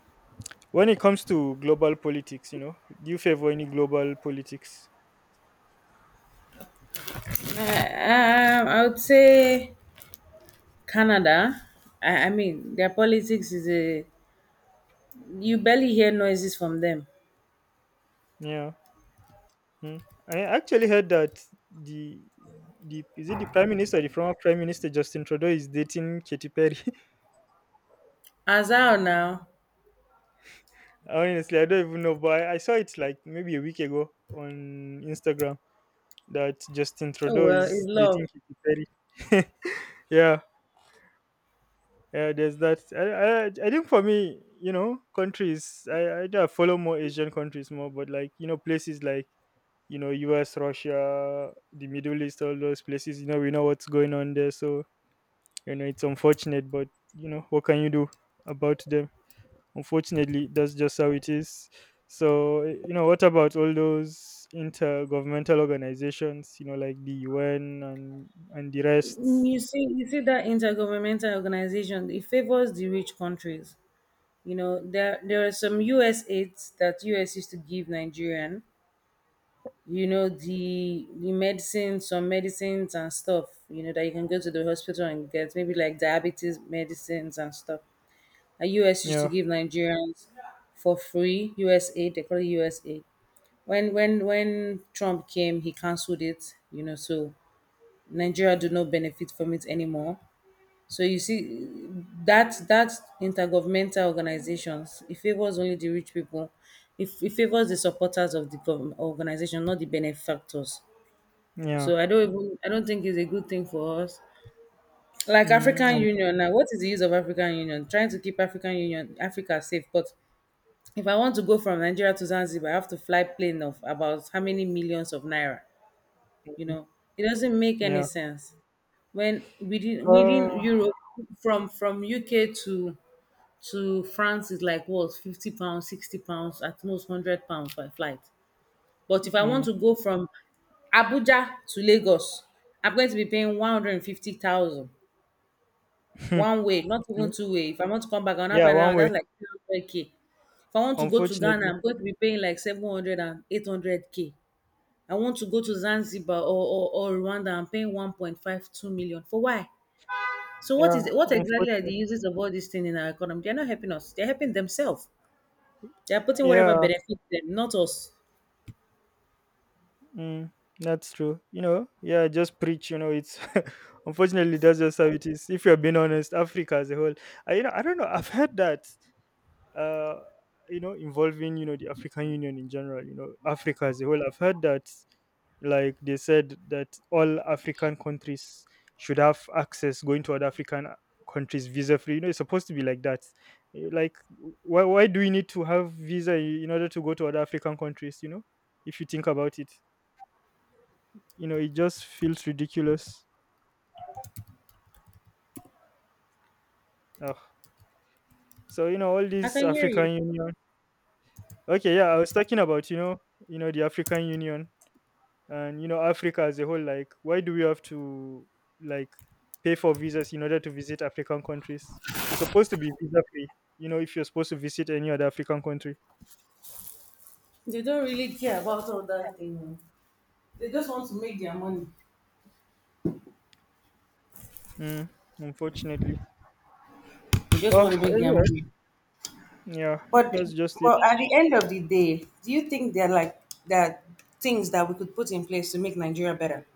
when it comes to global politics, you know, do you favor any global politics? I would say Canada. I mean, their politics is a, you barely hear noises from them. Yeah. Mm. I actually heard that the the is it the prime minister, the former prime minister Justin Trudeau is dating Katy Perry. As out now, [LAUGHS] Honestly, I don't even know, but I saw it like maybe a week ago on Instagram that Justin oh Trudeau well, it's is love. dating Katy Perry. [LAUGHS] Yeah. Yeah, there's that. I think for me, you know, countries, I do follow more Asian countries more, but like, you know, places like, you know, US, Russia, the Middle East, all those places, you know, we know what's going on there. So, you know, it's unfortunate, but, you know, what can you do about them? Unfortunately, that's just how it is. So, you know, what about all those intergovernmental organizations, you know, like the UN and the rest? You see, that intergovernmental organization. It favors the rich countries. There are some U.S. aids that U.S. used to give Nigerian. The medicine, some medicines and stuff, that you can go to the hospital and get, maybe like diabetes medicines and stuff. And US used to Yeah, give Nigerians for free. USA, they call it USA. When Trump came, he cancelled it. So Nigeria do not benefit from it anymore. So you see that that intergovernmental organizations it, favors only the rich people. It favors the supporters of the government organization, not the benefactors. yeah, So I don't think it's a good thing for us. Like mm, African um, Union now, what is the use of African Union? Trying to keep Africa safe, but if I want to go from Nigeria to Zanzibar, I have to fly plane of about how many millions of naira. You know, it doesn't make any yeah. sense. When within Europe, from UK to France is like what, £50, £60, at most £100 per flight. But if I want Mm. to go from Abuja to Lagos, I'm going to be paying 150,000 one [LAUGHS] way, not even two way. If I want to come back, on will not Yeah, pay, one way. that's like 300k. If I want to go to Ghana, Unfortunately. I'm going to be paying like seven hundred and eight hundred k. I want to go to Zanzibar or Rwanda, I'm paying 1.52 million. For why? So Yeah, what exactly are the unfortunately. uses of all these things in our economy? They're not helping us. They're helping themselves. They're putting whatever Yeah. benefits them, not us. Mm. That's true. You know, yeah, just preach, you know, it's [LAUGHS] unfortunately that's just how it is. If you're being honest, Africa as a whole. I you know, I don't know, I've heard that uh, you know, involving you know, the African Union in general. You know, Africa as a whole. I've heard that, like they said, that all African countries should have access going to other African countries visa free. You know, it's supposed to be like that. Eh, like, why do we need to have visa in order to go to other African countries? You know, if you think about it, you know, it just feels ridiculous. Ugh. So you know, all I these can hear you. African Union. Okay, yeah, I was talking about, you know, the African Union, and you know, Africa as a whole. Like, why do we have to, like, pay for visas in order to visit African countries? It's supposed to be visa free. You know, if you're supposed to visit any other African country. They don't really care about all that thing. They just want to make their money. mm, Unfortunately. They just want to Oh make their anyway, money. yeah, But that's just it. but at the end of the day, do you think there are things that we could put in place to make Nigeria better?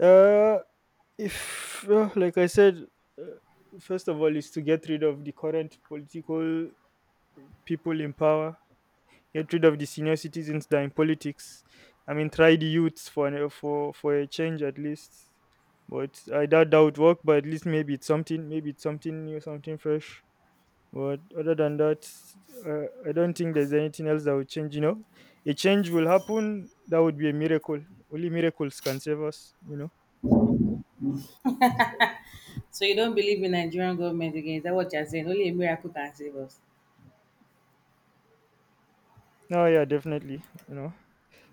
uh if like I said, uh, first of all is to get rid of the current political people in power, get rid of the senior citizens that are in politics. I mean, try the youths for for a change at least. But I doubt that would work. But at least maybe it's something. Maybe it's something new, something fresh. But other than that, I don't think there's anything else that would change. You know, a change will happen. That would be a miracle. Only miracles can save us. You know. So you don't believe in Nigerian government again? Is that what you're saying? Only a miracle can save us. Oh yeah, definitely. You know.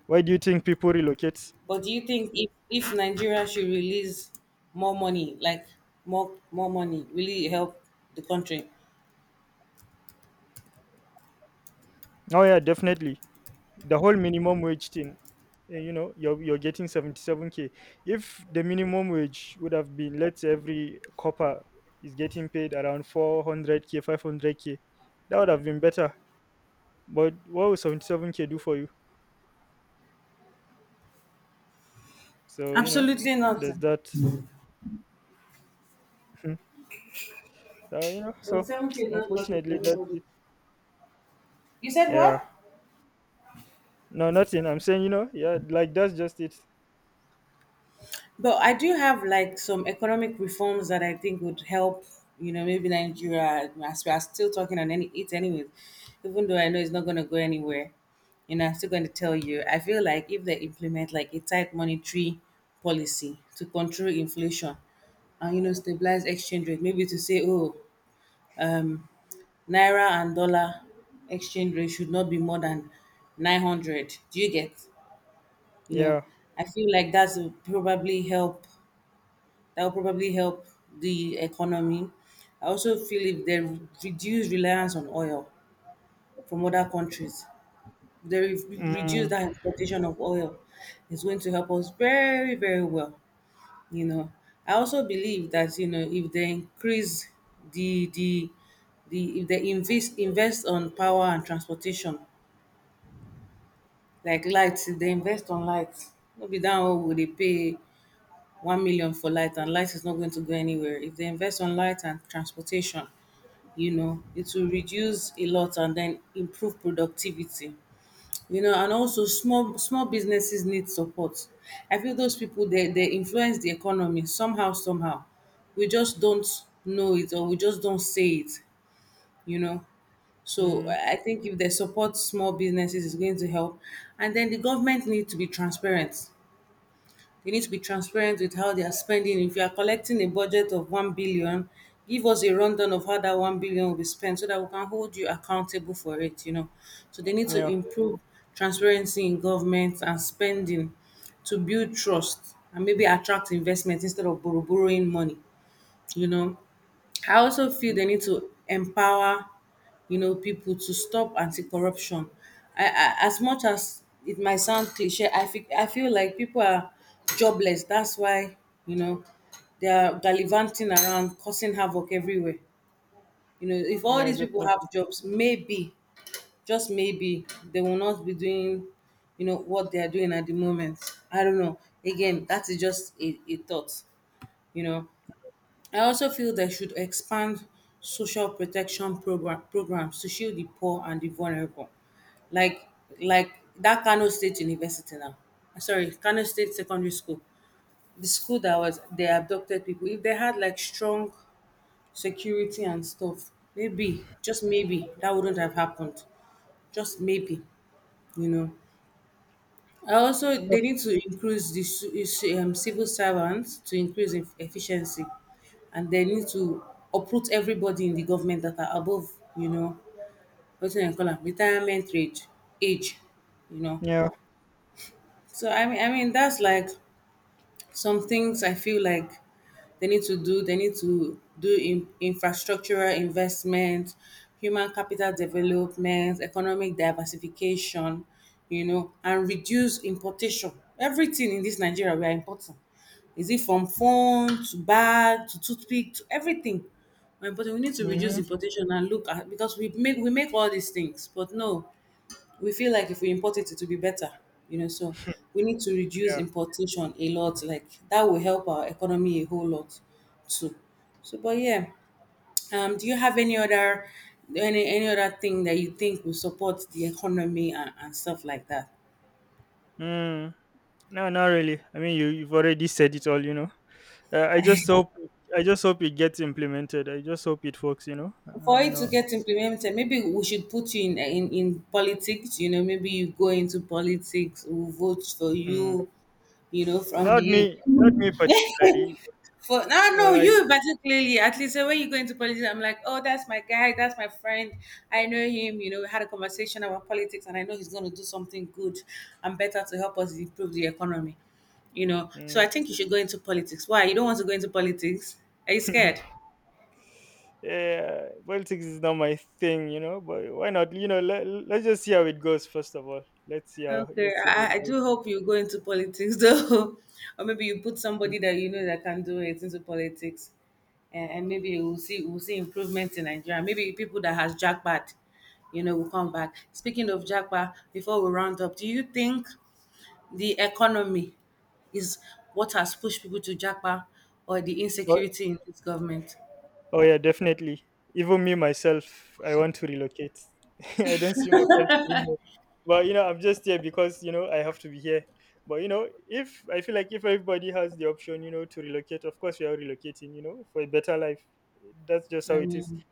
Why do you think people relocate? But do you think if, Nigeria should release more money, like more money, really help the country? Oh yeah, definitely the whole minimum wage thing. You know, you're getting 77k. If the minimum wage would have been, let's say every copper is getting paid around 400k, 500k, that would have been better. But what will 77k do for you? So you know, Absolutely not. there's that. Mhm. You know, so So 7K [TSK] does nothing for unfortunately that's anybody. it. You said Yeah, what? no, nothing. I'm saying, you know, yeah, like that's just it. But I do have like some economic reforms that I think would help, maybe Nigeria as we are still talking on any it anyways, even though I know it's not gonna go anywhere. I'm still gonna tell you. I feel like if they implement like a tight monetary policy to control inflation and stabilize exchange rate, maybe to say, oh, um Naira and dollar exchange rate should not be more than 900. Do you get? You know, Yeah. I feel like probably help that will probably help the economy. I also feel if they reduce reliance on oil from other countries, they reduce mm, that importation of oil, it's going to help us very, very well. You know, I also believe that if they increase the the the if they invest on power and transportation like lights, if they invest on lights, no be that one we dey pay 1 million for light and light is not going to go anywhere. If they invest on light and transportation, it will reduce a lot and then improve productivity. And also small small businesses need support. I feel those people they influence the economy somehow, somehow. We just don't know it or we just don't say it, you know. So mm, I I think if they support small businesses it's going to help. And then the government need to be transparent with how they are spending. If you are collecting a budget of 1 billion, give us a rundown of how that 1 billion will be spent so that we can hold you accountable for it, you know. So they need to yeah. improve transparency in government and spending to build trust and maybe attract investment instead of borrowing money, you know. I also feel they need to empower, you know, people to stop anti-corruption. As much as it might sound cliche, I feel like people are jobless. That's why, you know, they are gallivanting around, causing havoc everywhere. You know, if all Yeah, these people definitely. have jobs, maybe, just maybe, they will not be doing, you know, what they are doing at the moment. I don't know. Again, that is just a thought. You know, I also feel they should expand social protection programs to shield the poor and the vulnerable. Like like that Kano State University now. Sorry, Kano State Secondary School. The school that was they abducted people. If they had like strong security and stuff, maybe, just maybe, that wouldn't have happened. Just maybe, you know. I also So, they need to increase the civil servants to increase in efficiency, and they need to uproot everybody in the government that are above, you know, what do they call them, retirement age, age, you know. yeah. So I mean that's like some things I feel like they need to do in, infrastructural investment, human capital development, economic diversification, you know, and reduce importation. Everything in this Nigeria we are importing. Is it from phone to bag to toothpick to everything? But we need to reduce Mm-hmm. importation and look at because we make all these things, but no, we feel like if we import it, it will be better, you know. So we need to reduce Yeah. importation a lot. Like that will help our economy a whole lot too. So, but yeah, do you have any other any other thing that you think will support the economy and stuff like that? Mm. No, not really. I mean, you you've already said it all. You know. I just hope it gets implemented. I just hope it works. You know. For You it to know. get implemented, maybe we should put you in, in politics. You know, maybe you go into politics, we vote for Mm. you. You know, from Not the me. Not me particularly. For no, no, Well, I, you particularly, at least when you go into politics, I'm like, oh, that's my guy, that's my friend. I know him. You know, we had a conversation about politics, and I know he's going to do something good and better to help us improve the economy. You know, so mm. I think you should go into politics. Why? You don't want to go into politics? Are you scared? [LAUGHS] Yeah, politics is not my thing. You know. But why not? You know. Let's just see how it goes. First of all, let's see how Okay, I it. do hope you go into politics [LAUGHS] though, or maybe you put somebody that you know that can do it into politics, and maybe we'll see improvement in Nigeria. Maybe people that has jackpot, you know, will come back. Speaking of jackpot, before we round up, do you think the economy is what has pushed people to jackpot, or the insecurity in this government? Oh yeah, definitely. Even me myself, I want to relocate. [LAUGHS] I don't see myself staying here. But you know, I'm just here because you know, I have to be here. But you know, if I feel like if everybody has the option, you know, to relocate, of course we are relocating, you know, for a better life. That's just how I it is. mean,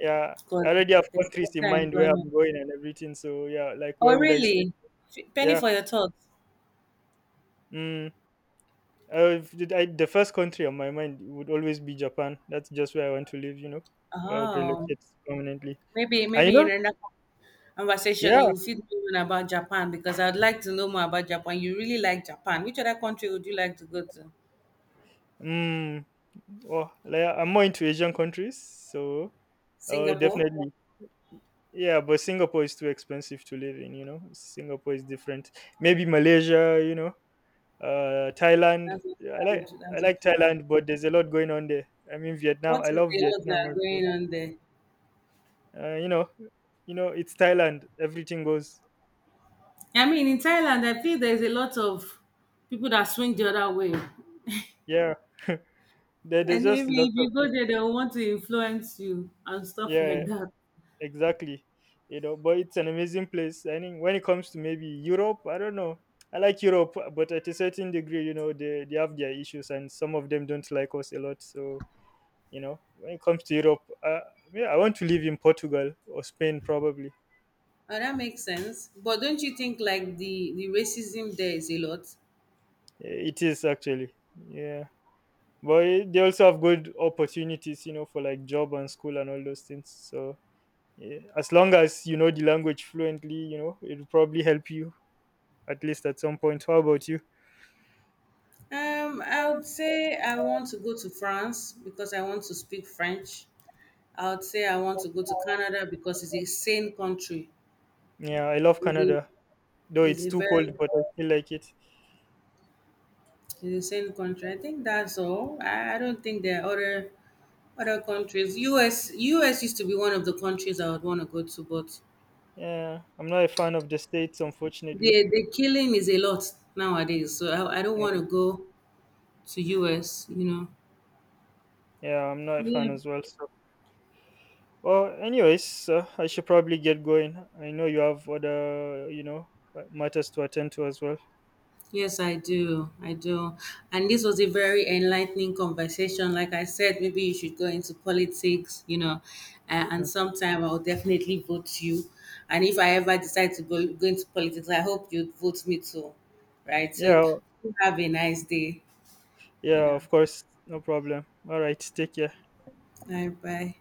Yeah. because I already have there's countries in better mind where employment. I'm going and everything. So yeah, like Oh, where would I stay? really? Penny Yeah. for your thoughts. Mm. The first country on my mind would always be Japan. That's just where I want to live, you know. Where I would Oh, relocate permanently. Maybe And you maybe in know, another conversation yeah, you feed me in about Japan because I'd like to know more about Japan. You really like Japan. Which other country would you like to go to? mm, well, like, I'm more into Asian countries, so Singapore? definitely, yeah. But Singapore is too expensive to live in. You know, Singapore is different. Maybe Malaysia. You know, Thailand. That's also Yeah, I like That's also good. Thailand, but there's a lot going on there. I mean, Vietnam. What I is the love lot Vietnam that are as well. going on there? You know, you know, it's Thailand. Everything goes. I mean in Thailand I feel there's a lot of people that swing the other way. Yeah, there's And just maybe lots if of you go things. there they'll want to influence you and stuff like Yeah, that. exactly. You know, but it's an amazing place. I think when it comes to maybe Europe, I don't know. I like Europe, but at a certain degree, you know, they have their issues and some of them don't like us a lot. So you know, when it comes to Europe, yeah, I want to live in Portugal or Spain probably. Oh, that makes sense. But don't you think like the racism there is a lot? Eh, it is actually, yeah, but eh, they also have good opportunities, you know, for like job and school and all those things. So yeah, as long as you know the language fluently, you know, it'll probably help you at least at some point. How about you? I would say I want to go to France because I want to speak French. I would say I want to go to Canada because it's a sane country. Yeah, I love It's a, Canada, though it's it's a too cold, very but I still like it. it's a sane country. I think that's all. I don't think there are other countries. US used to be one of the countries I would want to go to, but Yeah, I'm not a fan of the States, unfortunately. the killing is a lot nowadays. So I don't Yeah, want to go to US. You know. yeah, I'm not a Yeah. fan as well. So, well, anyways, I should probably get going. I know you have other, you know, matters to attend to as well. Yes, I do. I do. And this was a very enlightening conversation. Like I said, maybe you should go into politics, you know, and sometime I'll definitely vote you. And if I ever decide to go into politics, I hope you vote me too. Right? So Yeah, have a nice day, you yeah, know. of course, no problem. All right, take care. Bye bye.